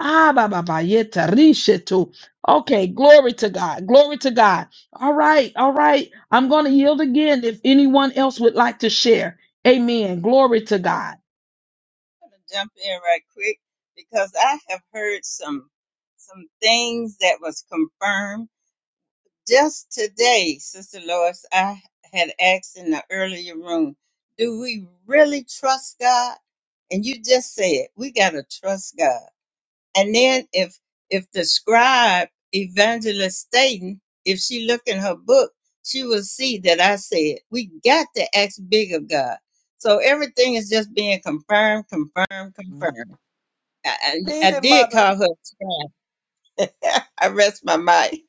Ah, ba, ba, ba, yeta, rishetu. Okay, glory to God. Glory to God. All right, all right. I'm going to yield again if anyone else would like to share. Amen. Glory to God.
I'm going to jump in right quick because I have heard some some things that was confirmed Just today, Sister Lois, I had asked in the earlier room, do we really trust God? And you just said, we got to trust God. And then if, if the scribe, evangelist Staten, if she look in her book, she will see that I said, we got to ask big of God. So everything is just being confirmed, confirmed, confirmed. I, I, I
leave it,
did
mother.
call her. *laughs* I rest my mind.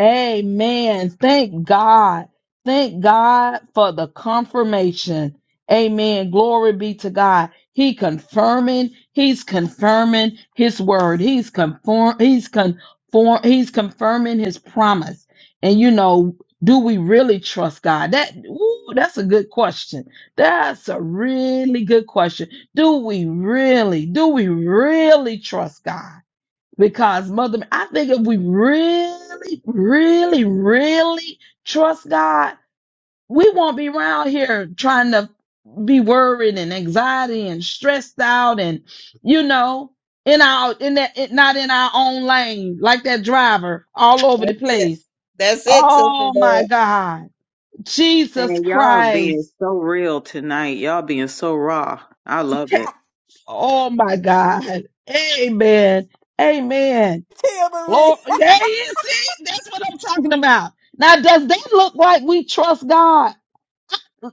Amen. Thank God. Thank God for the confirmation. Amen. Glory be to God. He confirming, he's confirming his word. He's conform, he's conform, he's confirming his promise. And you know, do we really trust God? That ooh, that's a good question. That's a really good question. Do we really, do we really trust God? Because mother, I think if we really, really, really trust God, we won't be around here trying to be worried and anxiety and stressed out and you know in our in that it, not in our own lane like that driver all over the
That's it.
place.
That's it, Sister
Oh
Lois.
my God, Jesus
Man, y'all being
Christ.
so real tonight. Y'all being so raw. I love
Okay.
it.
Oh my God. Amen. Amen.
Tia Marie.
Lord,
*laughs*
there you see, that's what I'm talking about. Now, does that look like we trust God?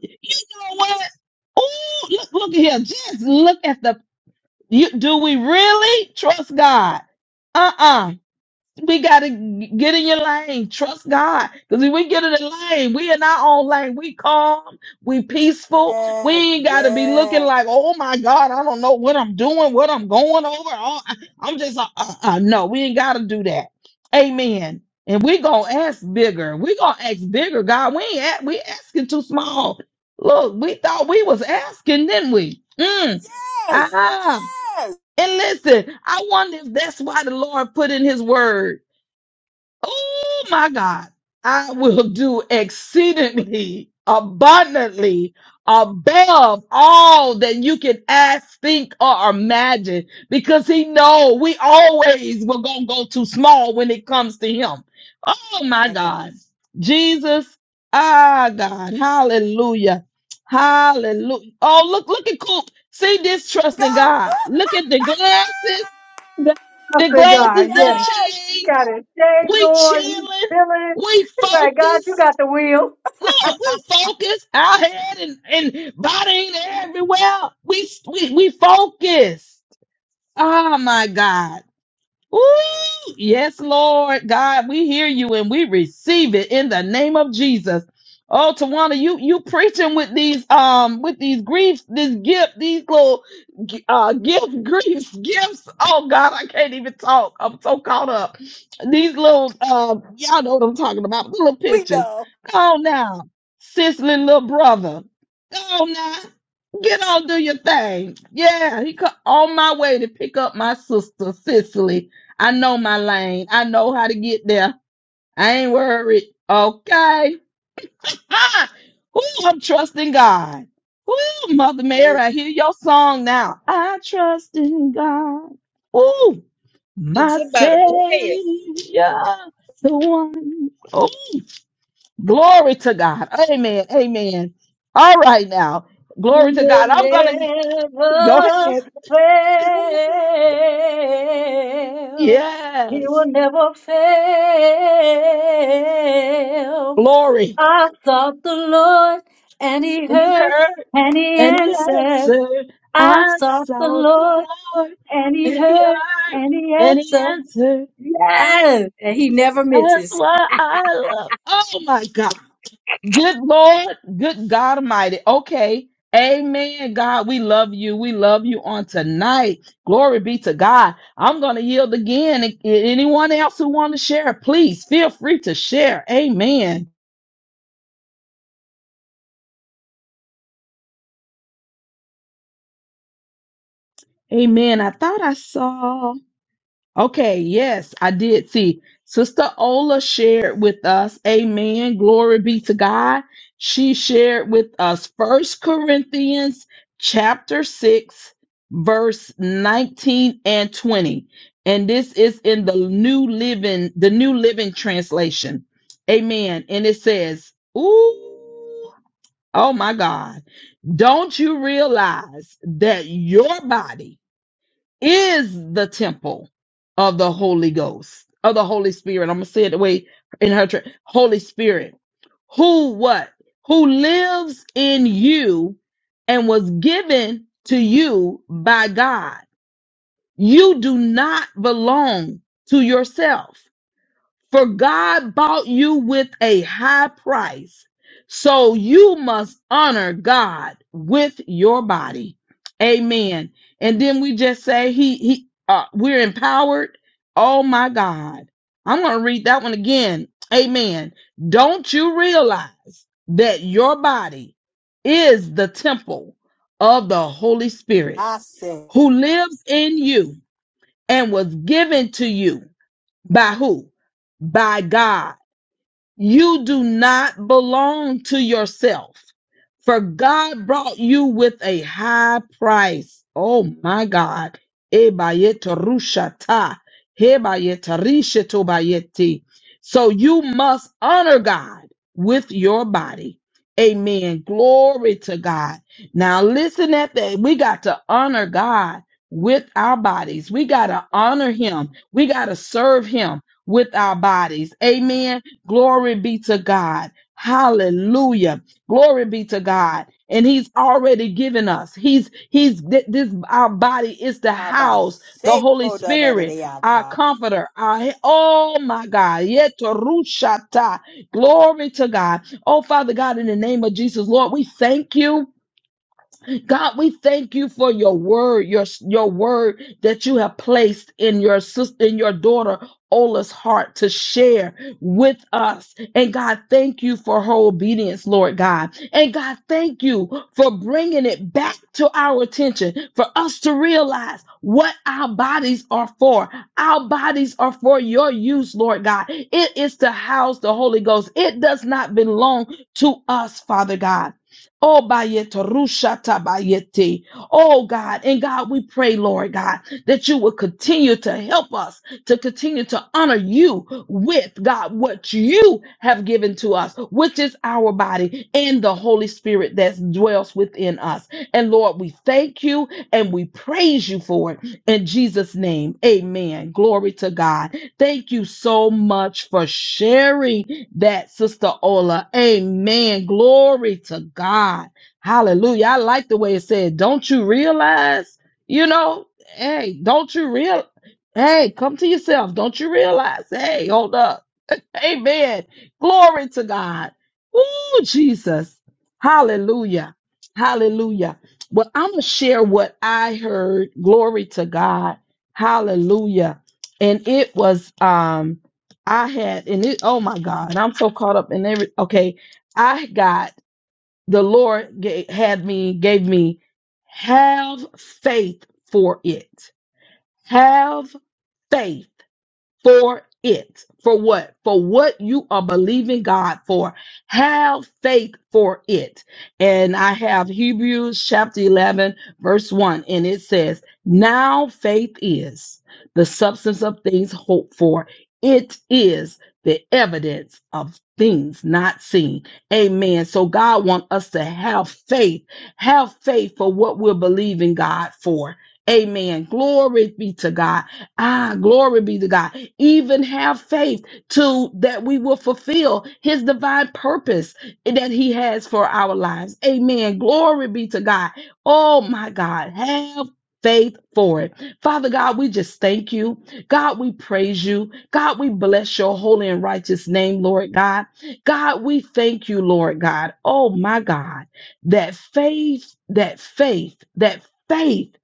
You know what? Oh, look, look at here. Just look at the. You, do we really trust God? Uh uh we gotta get in your lane. Trust God. Cause if we get in the lane, we in our own lane. We calm, we peaceful. We
Yes,
ain't gotta be looking
yes,
like, oh my God, I don't know what I'm doing, what I'm going over. Oh, I- I'm just, uh, uh, uh, no, we ain't gotta do that. Amen. And we gonna ask bigger. We gonna ask bigger, God. We ain't, a- we asking too small. Look, we thought we was asking, didn't we? Mm,
yes,
ah.
yes.
And listen, I wonder if that's why the Lord put in his word. Oh my God. I will do exceedingly abundantly above all that you can ask, think, or imagine. Because he know we always were gonna go too small when it comes to him. Oh my
I can
God. Jesus, ah God, hallelujah. Hallelujah. Oh, look, look at Coop. See this trust
go.
in God.
*laughs*
Look at the glasses.
That's
The
God.
glasses
Yes.
that
yes,
change.
Got his shades
We
on. He's
chilling.
feeling.
We
He's like, God, you
focused.
got the wheel.
Look, we focused. Our head and, and body ain't everywhere. We we we focused. Oh my God. Ooh, yes, Lord God, we hear you and we receive it in the name of Jesus. Oh, Tawana, you you preaching with these um with these griefs, this gift, these little uh gift *laughs* griefs, gifts. Oh God, I can't even talk. I'm so caught up. These little um, y'all know what I'm talking about. The little
we
pictures.
know.
Go on now, sisley little brother. Go on now. Get on, do your thing. Yeah, he co- on my way to pick up my sister, Cicely. I know my lane. I know how to get there. I ain't worried. Okay. Ah, Ooh, I'm trusting God. Ooh, Mother Mary,
Hey,
I hear your song now. I trust in God. Ooh,
Can
my Savior,
somebody play it,
the one. Oh, glory to God. Amen. Amen. All right now. Glory
You
to
will
God. I'm going to go
never
ahead. *laughs*
fail. He will
Yes.
never fail.
Glory.
I sought the Lord and he
And he
heard
heard
and he
and he
answered.
answered,
I
I
sought the
sought the
Lord
Lord.
and he
And he
heard
heard
and he
and he
answered.
answered, I,
Yes! And he never
that's
misses.
why I love. Oh my God. Good Lord, good God Almighty. Okay. Amen. God, we love you. We love you on tonight. Glory be to God. I'm going to yield again. A- Anyone else who want to share, please feel free to share. Amen. Amen. I thought I saw. Okay, yes, I did see. Sister Ola shared with us, amen. Glory be to God. She shared with us First Corinthians chapter 6, verse 19 and 20. And this is in the New Living, the New Living Translation. Amen. And it says, Ooh, oh my God. Don't you realize that your body is the temple of the Holy Ghost, of the Holy Spirit. I'm going to say it the way in her tra- Holy Spirit. Who, what? Who lives in you and was given to you by God. You do not belong to yourself. For God bought you with a high price. So you must honor God with your body. Amen. And then we just say he he uh, we're empowered. Oh my God. I'm going to read that one again. Amen. Don't you realize that your body is the temple of the Holy Spirit
I said,
who lives in you and was given to you by who? By God. You do not belong to yourself, for God brought you with a high price. Oh my God. Ebayetarushata, hebayetarishetubayeti. So you must honor God with your body. Amen. Glory to God. Now listen at that. We got to honor God with our bodies. We got to honor him. We got to serve him with our bodies. Amen Glory be to God. Hallelujah. Glory be to God. And he's already given us. He's he's th- this our body is the
Baba
house, the Holy
Seiko da da da
Spirit,
da
our
da.
comforter, our oh my God. Yetorushata. Glory to God. Oh Father God, in the name of Jesus, Lord, we thank you. God, we thank you for your word, your your word that you have placed in your sister, in your daughter Ola's heart to share with us. And God, thank you for her obedience, Lord God. And God, thank you for bringing it back to our attention for us to realize what our bodies are for. Our bodies are for your use, Lord God. It is to house the Holy Ghost. It does not belong to us, Father God. Oh, bayete, rushata bayete. Oh, God. And God, we pray, Lord God, that you will continue to help us to continue to honor you with, God, what you have given to us, which is our body and the Holy Spirit that dwells within us. And Lord, we thank you and we praise you for it. In Jesus' name, amen. Glory to God. Thank you so much for sharing that, Sister Ola. Amen. Glory to God. Hallelujah. I like the way it said, don't you realize? You know, hey, don't you real? Hey, come to yourself. Don't you realize? Hey, hold up. Amen. Glory to God. Ooh, Jesus. Hallelujah. Hallelujah. Well, I'm going to share what I heard. Glory to God. Hallelujah. And it was, um, I had, and it, oh my God, I'm so caught up in every, okay. I got, the Lord gave, had me, gave me, have faith for it. Have faith for it. For what? For what you are believing God for. Have faith for it. And I have Hebrews chapter 11, verse 1, and it says, Now faith is the substance of things hoped for, it is the evidence of things not seen. Amen. So God wants us to have faith. Have faith for what we're believing God for. Amen. Glory be to God Ah, glory be to God. Even have faith to that we will fulfill his divine purpose that he has for our lives. Amen. Glory be to God. Oh my God. Have faith for it. Father God, we just thank you. God, we praise you. God, we bless your holy and righteous name, Lord God. God, we thank you, Lord God. Oh my God. That faith, that faith, that faith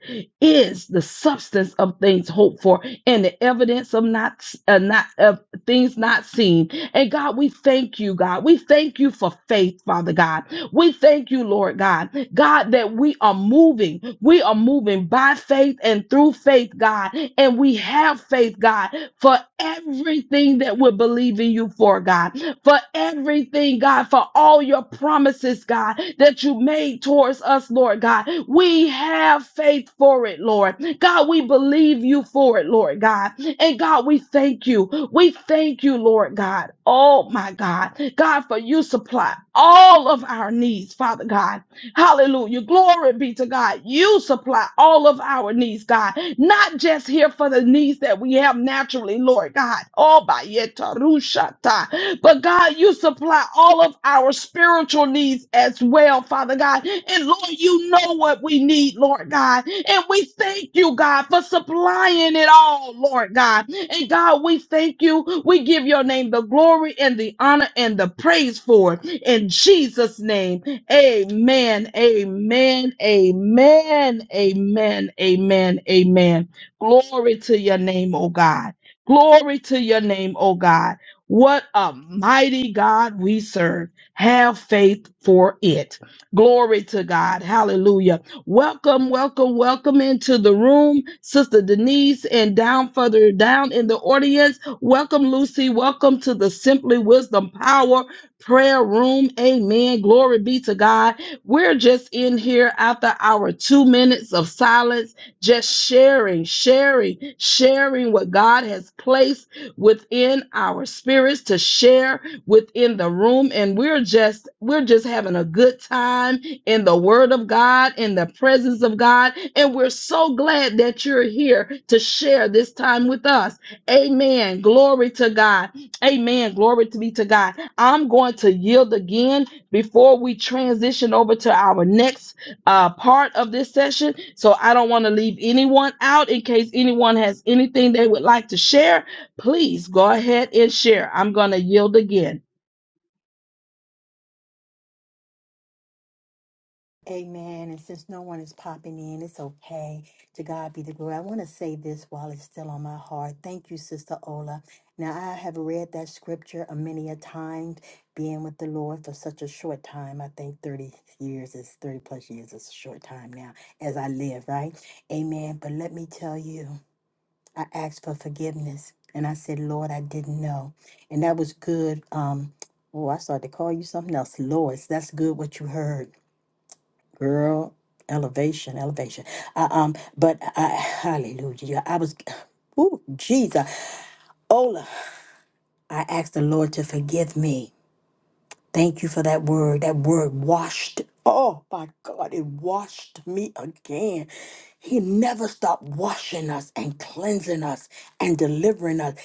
is the substance of things hoped for and the evidence of not uh, not of things not seen. And God, we thank you, God. We thank you for faith, Father God. We thank you, Lord God. God, that we are moving. We are moving by faith and through faith, God. And we have faith, God, for everything that we're believing you for, God for everything, God, for all your promises, God, that you made towards us, Lord God. We have faith for it, Lord. God, we believe you for it, Lord God. And God, we thank you. We thank you, Lord God. Oh, my God. God, for you supply all of our needs, Father God. Hallelujah. Glory be to God. You supply all of our needs, God. Not just here for the needs that we have naturally, Lord God. Oh, by yeta But God, you supply all of our spiritual needs as well, Father God. And Lord, you know what we need, Lord God. And we thank you, God, for supplying it all, Lord God. And God, we thank you. We give your name the glory and the honor and the praise for it. In Jesus' name. Amen. Amen. Amen. Amen. Amen. Amen. Glory to your name, oh God. Glory to your name, oh God. What a mighty God we serve. Have faith for it. Glory to God. Hallelujah. Welcome, welcome, welcome into the room, Sister Denise, and down further down in the audience. Welcome, Lucy. Welcome to the Simply Wisdom Power prayer room. Amen. Glory be to God. We're just in here after our two minutes of silence, just sharing, sharing, sharing what God has placed within our spirits to share within the room. And we're just, we're just having a good time in the word of God, in the presence of God. And we're so glad that you're here to share this time with us. Amen. Glory to God. Amen. Glory to be to God. I'm going to yield again before we transition over to our next uh, part of this session. So I don't want to leave anyone out in case anyone has anything they would like to share. Please go ahead and share. I'm going to yield again.
Amen. And since no one is popping in, it's okay. To God be the glory. I want to say this while it's still on my heart. Thank you, Sister Ola. Now, I have read that scripture a many a time, being with the Lord for such a short time. I think 30 years is 30 plus years is a short time now as I live, right? Amen. But let me tell you, I asked for forgiveness and I said, Lord, I didn't know. And that was good. Um, Oh, I started to call you something else, Lois. That's good what you heard Girl, elevation, elevation. I, um, but I, hallelujah. yeah, I was, *sighs* ooh, Jesus. Ola, I asked the Lord to forgive me. Thank you for that word. That word washed. Oh my God, it washed me again. He never stopped washing us and cleansing us and delivering us.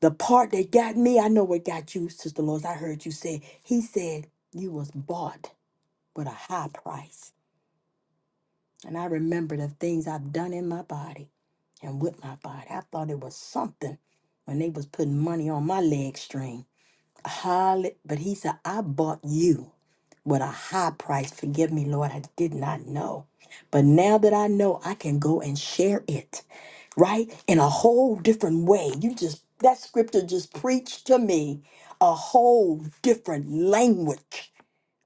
The part that got me, I know what got you, Sister Lois. I heard you say, He said, You was bought with a high price. And I remember the things I've done in my body and with my body. I thought it was something when they was putting money on my leg string. Holly, but he said, I bought you with a high price. Forgive me, Lord, I did not know. But now that I know, I can go and share it, right? In a whole different way. You just, that scripture just preached to me a whole different language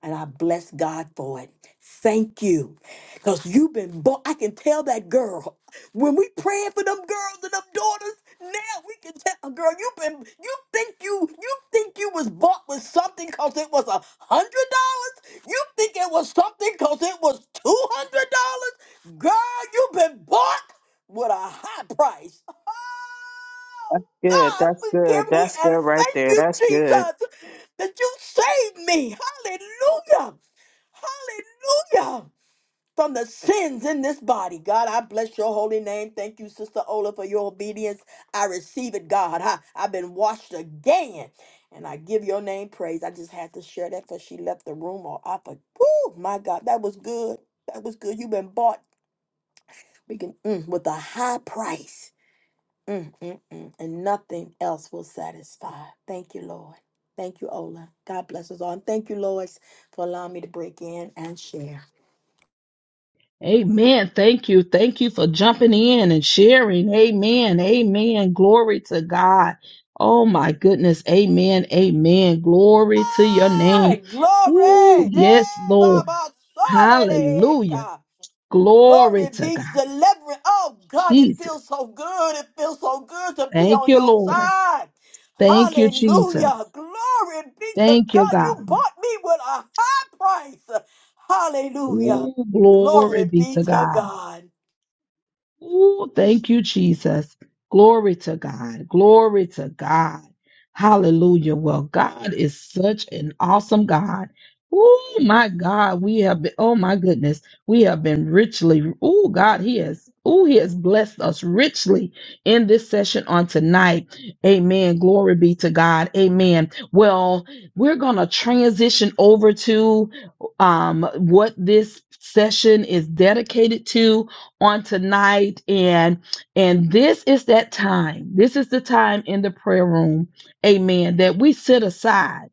and I bless God for it. Thank you. Because you've been born. I can tell that girl. When we praying for them girls and them daughters, now we can tell a girl, you've been you think you you think you was bought with something because it was a hundred dollars? You think it was something because it was two hundred dollars? Girl, you've been bought with a high price. Oh
Good.
God,
That's good.
forgive me
That's good
and
right
thank
there.
you,
That's good.
Jesus that you saved me. Hallelujah. Hallelujah. From the sins in this body. God, I bless your holy name. Thank you, Sister Ola, for your obedience. I receive it, God. I, I've been washed again. And I give your name praise. I just had to share that because she left the room or I for oh my God, that was good. That was good. You've been bought. We can mm, with a high price. Mm, mm, mm. And nothing else will satisfy. Thank you, Lord. Thank you, Ola. God bless us all. And thank you, Lois, for allowing me to break in and share.
Amen. Thank you. Thank you for jumping in and sharing. Amen. Amen. Glory to God. Oh my goodness. Amen. Amen. Glory to your
Hey,
name. Ooh,
glory! Hey,
yes, Lord.
Baba,
Hallelujah.
Soda,
Glory
Glory
to
be
God.
deliverance. Oh God, it feels
Jesus.
so good. It feels so good to be
Thank
on
you,
your
Lord.
side.
Thank you,
Hallelujah.
Jesus.
Glory be to
Thank you,
God.
God.
You bought me with a high price. Hallelujah.
Ooh, glory
Glory
be
be
to
to
God.
God.
Ooh, thank you, Jesus. Glory to God. Glory to God. Hallelujah. Well, God is such an awesome God. Oh my God, we have been, oh my goodness, we have been richly, oh God, He has, oh, He has blessed us richly in this session on tonight. Amen. Glory be to God. Amen. Well, we're going to transition over to um, what this session is dedicated to on tonight and and this is that time this is the time in the prayer room amen that we sit aside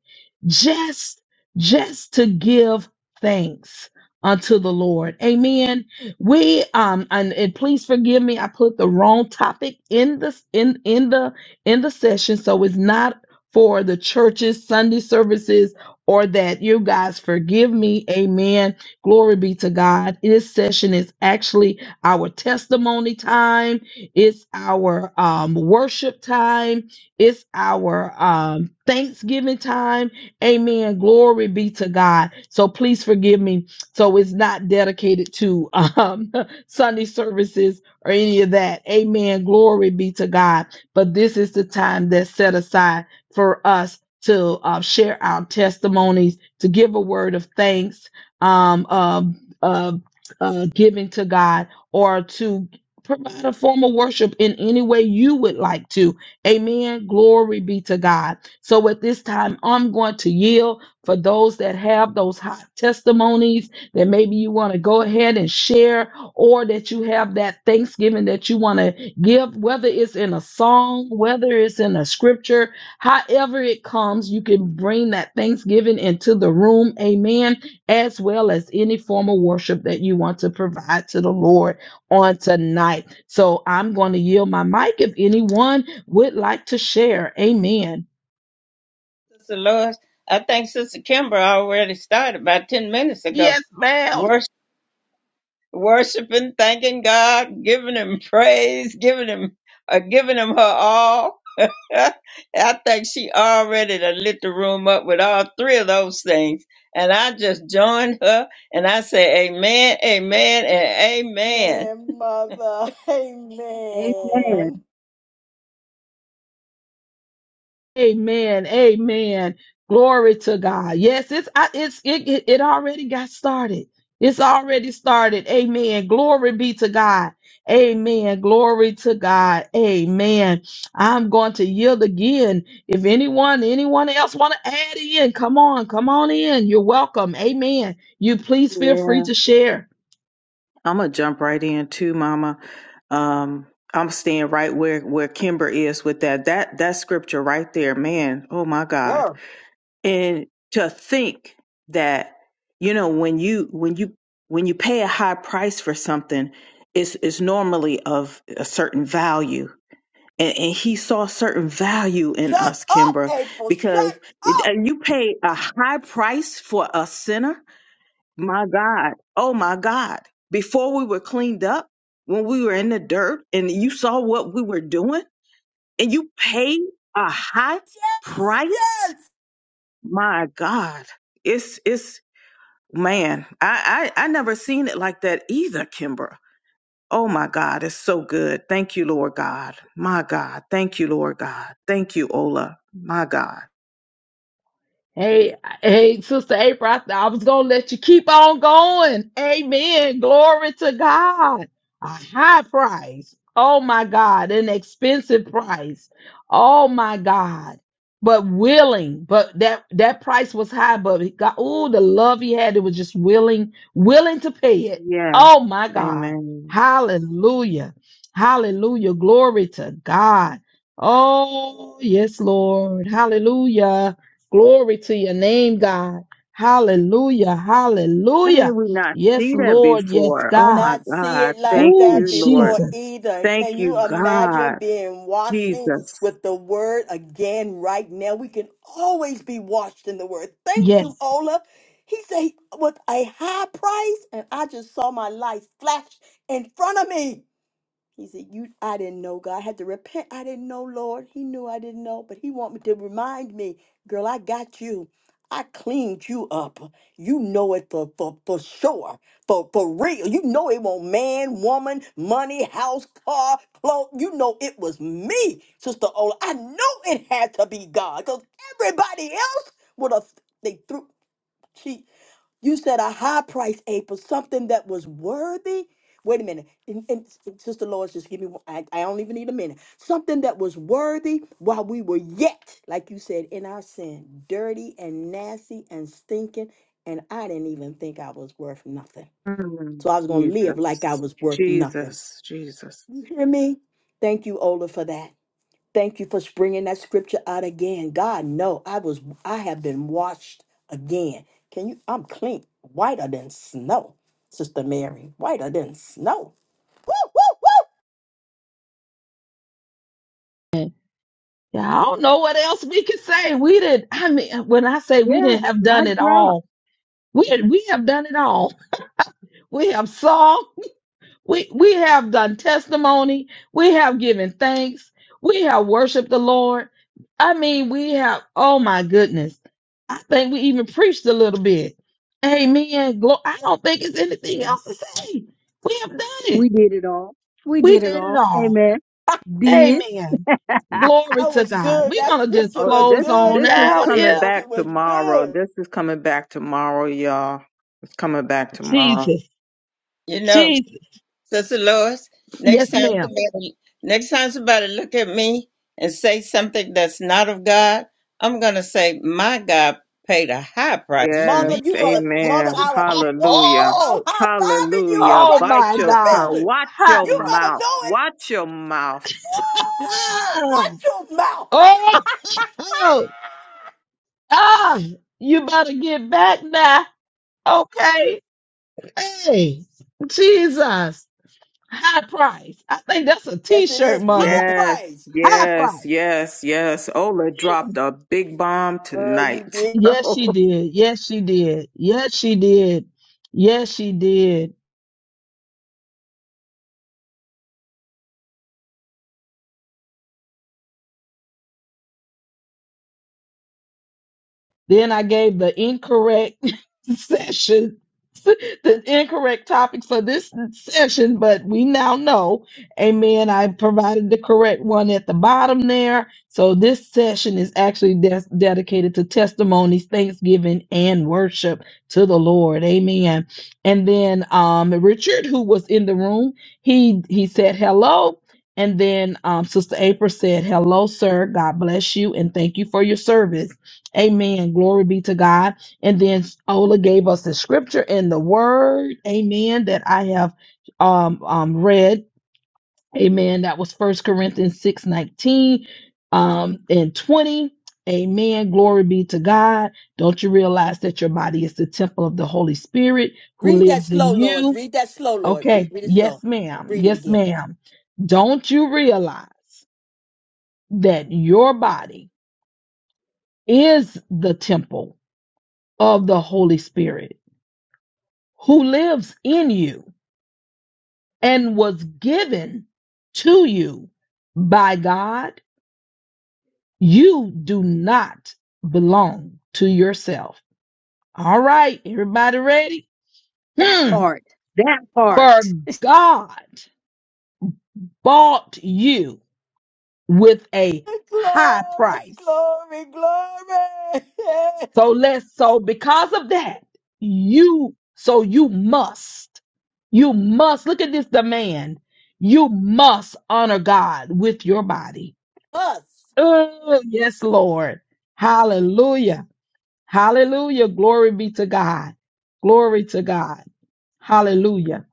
just just to give thanks unto the lord amen we um and, and please forgive me i put the wrong topic in the in in the in the session so it's not for the churches sunday services or that you guys forgive me amen glory be to god this session is actually our testimony time, it's our um, worship time, it's our um, Thanksgiving time. Amen. Glory be to God. So please forgive me. So it's not dedicated to um, *laughs* Sunday services or any of that. Amen. Glory be to God. But this is the time that's set aside for us to uh, share our testimonies, to give a word of thanks, um, uh, uh, uh, giving to God or to provide a form of worship in any way you would like to. Amen. Glory be to God. So at this time, I'm going to yield for those that have those hot testimonies that maybe you want to go ahead and share, or that you have that Thanksgiving that you want to give, whether it's in a song, whether it's in a scripture, however it comes, you can bring that Thanksgiving into the room. Amen. As well as any form of worship that you want to provide to the Lord on tonight. So I'm going to yield my mic if anyone would like to share. Amen.
Sister Lois? I think Sister Kimber already started about ten minutes ago.
Yes, ma'am.
Worship, worshiping, thanking God, giving Him praise, giving Him, uh, giving Him her all. *laughs* I think she already done lit the room up with all three of those things, and I just joined her and I say, Amen, Amen, and Amen.
Man,
*laughs*
mother. *laughs*
Amen.
Amen.
Amen. Amen. Glory to God. Yes, it's I- it's it it it already got started. It's already started. Amen. Glory be to God. Amen. Glory to God. Amen. I'm going to yield again. If anyone, anyone else want to add in, come on, come on in. You're welcome. Amen. You please feel
Yeah.
free to share.
I'm gonna jump right in too, Mama. Um, I'm staying right where where Kimber is with that that that scripture right there, man. Oh my God!
Girl,
And to think that you know when you when you when you pay a high price for something, it's it's normally of a certain value. And, and he saw certain value in
shut
us,
up,
Kimber,
April. Shut
because it-
up.
and you pay a high price for a sinner my God. Oh my God. Before we were cleaned up, when we were in the dirt and you saw what we were doing and you paid a high
Yes.
price. My God. It's, it's, man, I, I, I never seen it like that either, Kimber. Oh my God, it's so good. Thank you, Lord God. My God. Thank you, Lord God. Thank you, Ola. My God.
Hey, hey, Sister April, I, I was gonna let you keep on going. Amen. Glory to God. A high price. Oh my God, an expensive price. Oh my God. But willing, but that that price was high, but it got oh, the love he had, it was just willing, willing to pay it.
Yes.
Oh my God.
Amen.
Hallelujah. Hallelujah. Glory to God. Oh, yes, Lord. Hallelujah. Glory to your name, God. Hallelujah.
How did
Hallelujah.
we not
Yes,
see that
Lord. Yes,
before? Oh
God.
my
not see
God.
it like
Thank
Ooh,
that
you, Lord.
before
Jesus.
either.
Thank
Can
you,
you imagine
God.
being washing
Jesus.
with the word again right now? We can always be washed in the word. Thank
Yes.
you, Ola. He said with a high price, and I just saw my life flash in front of me. He said, "You, I didn't know God. I had to repent. I didn't know, Lord. He knew I didn't know, but He want me to remind me, girl. I got you. I cleaned you up. You know it for for for sure, for for real. You know it won't man, woman, money, house, car, clothes. You know it was me, Sister Ola. I know it had to be God, cause everybody else would have they threw. she." You said a high price, April, something that was worthy. Wait a minute. And, and Sister Lois, just give me, one- I, I don't even need a minute. Something that was worthy while we were yet, like you said, in our sin, dirty and nasty and stinking. And I didn't even think I was worth nothing.
Mm,
So I was going to live like I
Jesus.
was worth nothing.
Jesus. Jesus.
You hear me? Thank you, Ola, for that. Thank you for bringing that scripture out again. God, no, I was, I have been washed again. Can you? I'm clean, whiter than snow, Sister Mary, whiter than snow. Woo, woo,
Yeah, I don't know what else we can say. We did. I mean, when I say we
Yeah,
didn't have
my
done it
drop.
all, we we have done it all. *laughs* We have sung. We we have done testimony. We have given thanks. We have worshiped the Lord. I mean, we have. Oh my goodness! I think we even preached a little bit. Amen. Glo- I don't think it's anything else to say. We have done
We
it.
did it all. We
We
did it
did it
all.
all.
Amen.
woo!
Did
Amen.
*laughs* that
*laughs*
Glory
That
to
was
God.
good.
We're
That
gonna just
scripture
Oh,
was
this
close
good,
on
this is
y'all.
out
That
coming
here.
scripture
back
was
tomorrow.
good.
This is coming back tomorrow, y'all. It's coming back tomorrow.
Jesus,
You know,
Jesus.
Sister Lois, next
Yes,
time
ma'am.
somebody next time somebody look at me and say something that's not of God, I'm gonna say, My God paid a high price for me.
Yes,
Mother, you gonna, mother,
amen.
Oh,
I would
oh,
woo,
Hallelujah.
mother, I'm
oh,
high fiving you and
Hallelujah.
oh
running
Bite
my
around
your
the
God.
tongue.
building.
Watch
High
your
You
price.
better
mouth.
know it.
Watch your mouth.
Woo! Watch your mouth. *laughs*
Oh, oh, ah, you better get back now. Okay. Hey, Jesus. High price. I think that's a t
yes, it
shirt,
is
mother.
high
Yes,
praise.
High
yes,
price.
yes, yes. Ola dropped a big bomb
Girl, you
tonight.
did.
*laughs*
Yes, she did. Yes, she did. Yes, she did. Yes, she did. Then I gave the incorrect *laughs* session, the incorrect topic for this session, but we now know, amen. I provided the correct one at the bottom there. So this session is actually des- dedicated to testimonies, thanksgiving, and worship to the Lord. Amen. And then um, Richard, who was in the room, he he said hello. And then um, Sister April said, Hello, sir. God bless you and thank you for your service. Amen. Glory be to God. And then Ola gave us the scripture and the word. Amen. That I have um, um read. Amen. That was First Corinthians 6 19 um, and 20. Amen. Glory be to God. Don't you realize that your body is the temple of the Holy Spirit who
Read that
lives in
slow, Lord.
you?
Read that slow, Lord. Read,
Okay.
read it
Yes,
slow.
ma'am.
Read it
Yes,
again.
ma'am. Don't you realize that your body is the temple of the Holy Spirit? who lives in you and was given to you by God, you do not belong to yourself. All right, everybody ready? Hmm.
part. That
For
part.
God bought you with a high
Glory,
price.
glory, glory.
So let's, so because of that, you, so you must, you must, look at this demand. You must honor God with your body
*laughs* Us.
Oh, yes, Lord. Hallelujah. Hallelujah. Glory be to God. Glory to God. Hallelujah.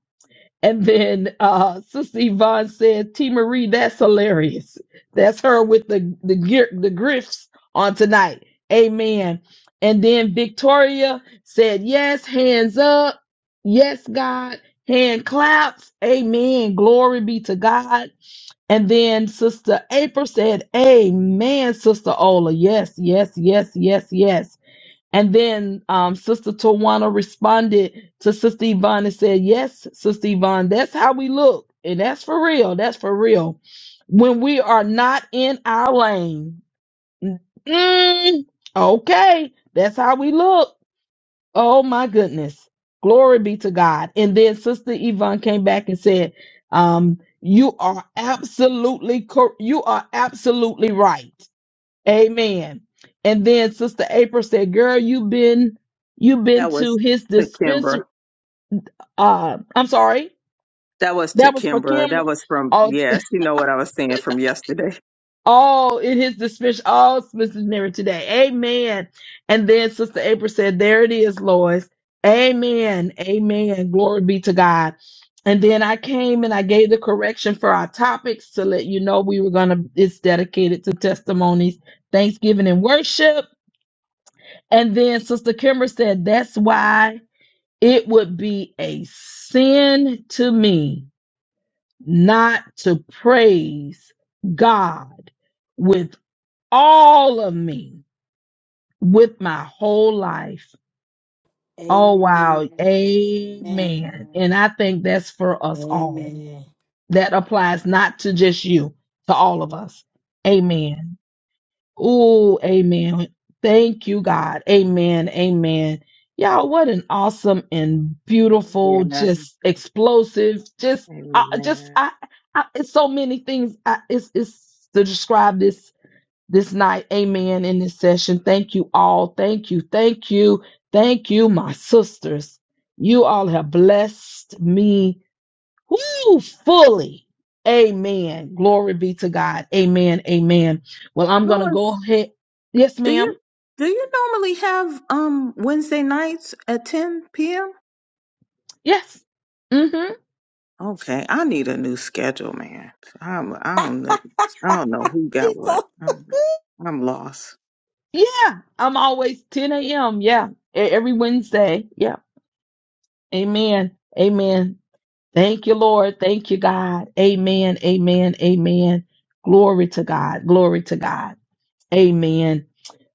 And then uh Sister Yvonne said, T Marie, that's hilarious. That's her with the the gear the grifts on tonight. Amen. And then Victoria said, Yes, hands up. Yes, God. Hand claps. Amen. Glory be to God. And then Sister April said, Amen, Sister Ola. Yes, yes, yes, yes, yes. And then um, Sister Tawana responded to Sister Yvonne and said, Yes, Sister Yvonne, that's how we look. And that's for real. That's for real. When we are not in our lane, mm, okay, that's how we look. Oh my goodness. Glory be to God. And then Sister Yvonne came back and said, um, you are absolutely cor- you are absolutely right. Amen. And then Sister April said, Girl, you've been you've been
that
to
was
his
to Kimbra.
dispensary. Uh I'm sorry.
That was to
That was for
Kimbra.
Kim.
That was from,
uh,
yes, you know what I was saying from yesterday.
all in his dispatch, all Smith's never today. Amen. And then Sister April said, There it is, Lois. Amen. Amen. Glory be to God. And then I came and I gave the correction for our topics to let you know we were gonna it's dedicated to testimonies, thanksgiving, and worship. And then Sister Kimber said, That's why it would be a sin to me not to praise God with all of me with my whole life. Oh,
Amen.
wow. Amen.
Amen.
And I think that's for us all.
Amen.
That applies not to just you, to all of us. Amen. Oh, amen. Thank you, God. Amen. Amen. Y'all, what an awesome and
*laughs*
beautiful,
Yeah.
just explosive, just, uh, just,
Amen.
I, I, it's so many things. I, it's, it's to describe this this night. Amen. In this session. Thank you all. Thank you. Thank you. Thank you, my sisters. You all have blessed me woo, fully. Amen. Glory be to God. Amen. Amen. Well, I'm going to go
Louis,
ahead. Yes,
do you
ma'am.
do you normally have um Wednesday nights at 10 p.m.?
Yes. Mm-hmm.
Okay, I need a new schedule, man. I'm I don't know, I don't know who got
Jesus.
what. I'm, I'm lost.
Yeah. I'm always 10 a.m. Yeah. E- Every Wednesday. Yeah. Amen. Amen. Thank you, Lord. Thank you, God. Amen. Amen. Amen. Glory to God. Glory to God. Amen.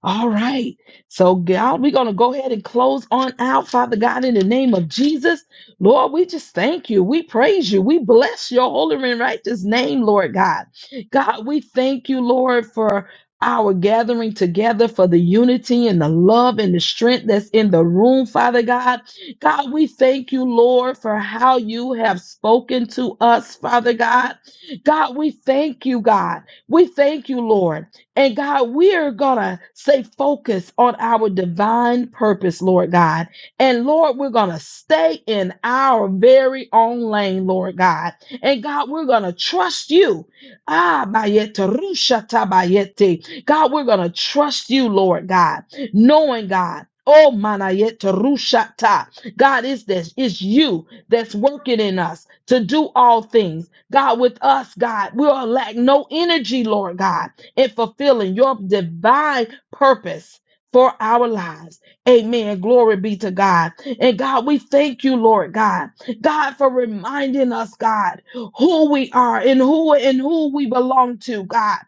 All right. So, God, we're going to go ahead and close on out, Father God, in the name of Jesus. Lord, we just thank you. We praise you. We bless your holy and righteous name, Lord God. God, we thank you, Lord, for our gathering together for the unity and the love and the strength that's in the room, Father God. God, we thank you, Lord, for how you have spoken to us, Father God. God, we thank you, God. We thank you, Lord. And God, we are going to stay focused on our divine purpose, Lord God. And Lord, we're going to stay in our very own lane, Lord God. And God, we're going to trust you. Ah, bayete, rusha tabayete. God, we're going to trust you, Lord God, knowing God. Oh, manayete rushata. God, is this? It's you that's working in us to do all things. God, with us, God, we'll lack no energy, Lord God in fulfilling your divine purpose for our lives. Amen. Glory be to God. And God, we thank you, Lord God. God, for reminding us, God, who we are and who and who we belong to, God.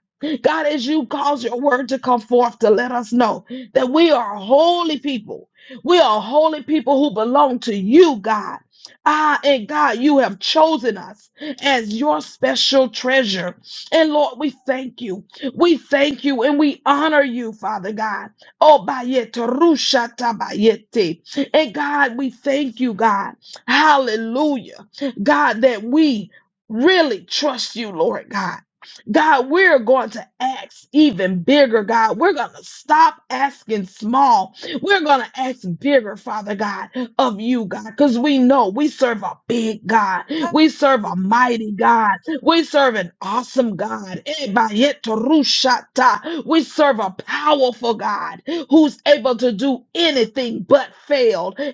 God, as you cause your word to come forth to let us know that we are holy people. We are holy people who belong to you, God. Ah, and God, you have chosen us as your special treasure. And Lord, we thank you. We thank you and we honor you, Father God. Oh, bayete, rusha tabayete. And God, we thank you, God. Hallelujah. God, that we really trust you, Lord God. God, we're going to ask even bigger, God. We're going to stop asking small. We're going to ask bigger, Father God, of you, God, because we know we serve a big God. We serve a mighty God. We serve an awesome God. Eh, We serve a powerful God who's able to do anything but fail. Eh,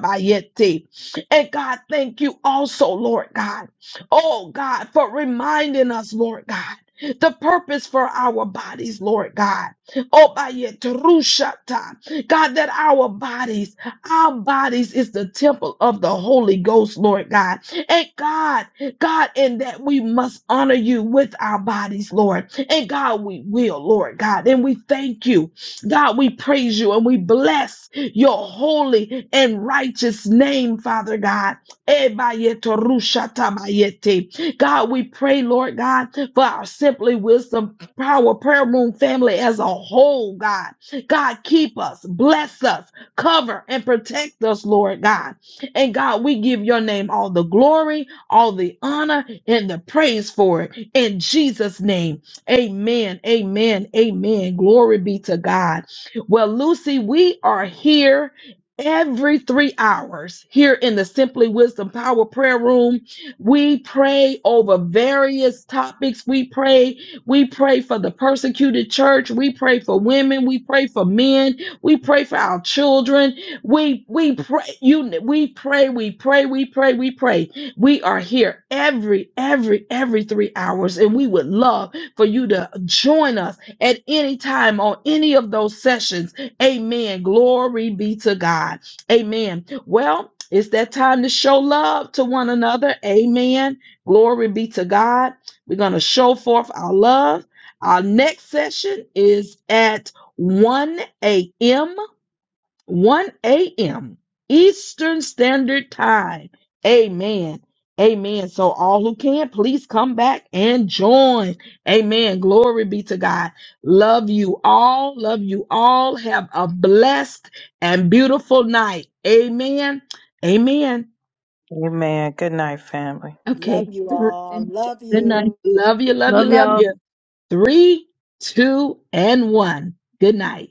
bayete. And God, thank you also, Lord God. Oh God, for reminding us, Lord God. The purpose for our bodies, Lord God. Oh, bayetorushata. God, that our bodies our bodies is the temple of the Holy Ghost, Lord God. And God, God, in that we must honor you with our bodies, Lord. And God, we will, Lord God. And we thank you. God, we praise you and we bless your holy and righteous name, Father God. Ebayetorushatabayete. God, we pray, Lord God, for our Simply Wisdom Power Prayer Room family as a whole, God. God, keep us, bless us. Cover and protect us, Lord God. And God, we give your name all the glory, all the honor, and the praise for it. In Jesus' name, amen, amen, amen. Glory be to God. Well, Lucy, we are here. Every three hours here in the Simply Wisdom Power Prayer Room, we pray over various topics. We pray, we pray for the persecuted church. We pray for women. We pray for men. We pray for our children. We we pray you we pray, we pray, we pray, we pray. We are here every every every 3 hours and we would love for you to join us at any time on any of those sessions. Amen. Glory be to God. Amen. Well, it's that time to show love to one another. Amen. Glory be to God. We're going to show forth our love. Our next session is at 1 a.m., 1 a.m. Eastern Standard Time. Amen. Amen. So, all who can, please come back and join. Amen. Glory be to God. Love you all. Love you all. Have a blessed and beautiful night. Amen. Amen.
Amen. Good night, family.
Love
Okay.
you
Th-
all.
Amen.
Love
Good
you.
night.
love you. Love you.
Love
Love
y'all.
you. Three, two, and one. Good night.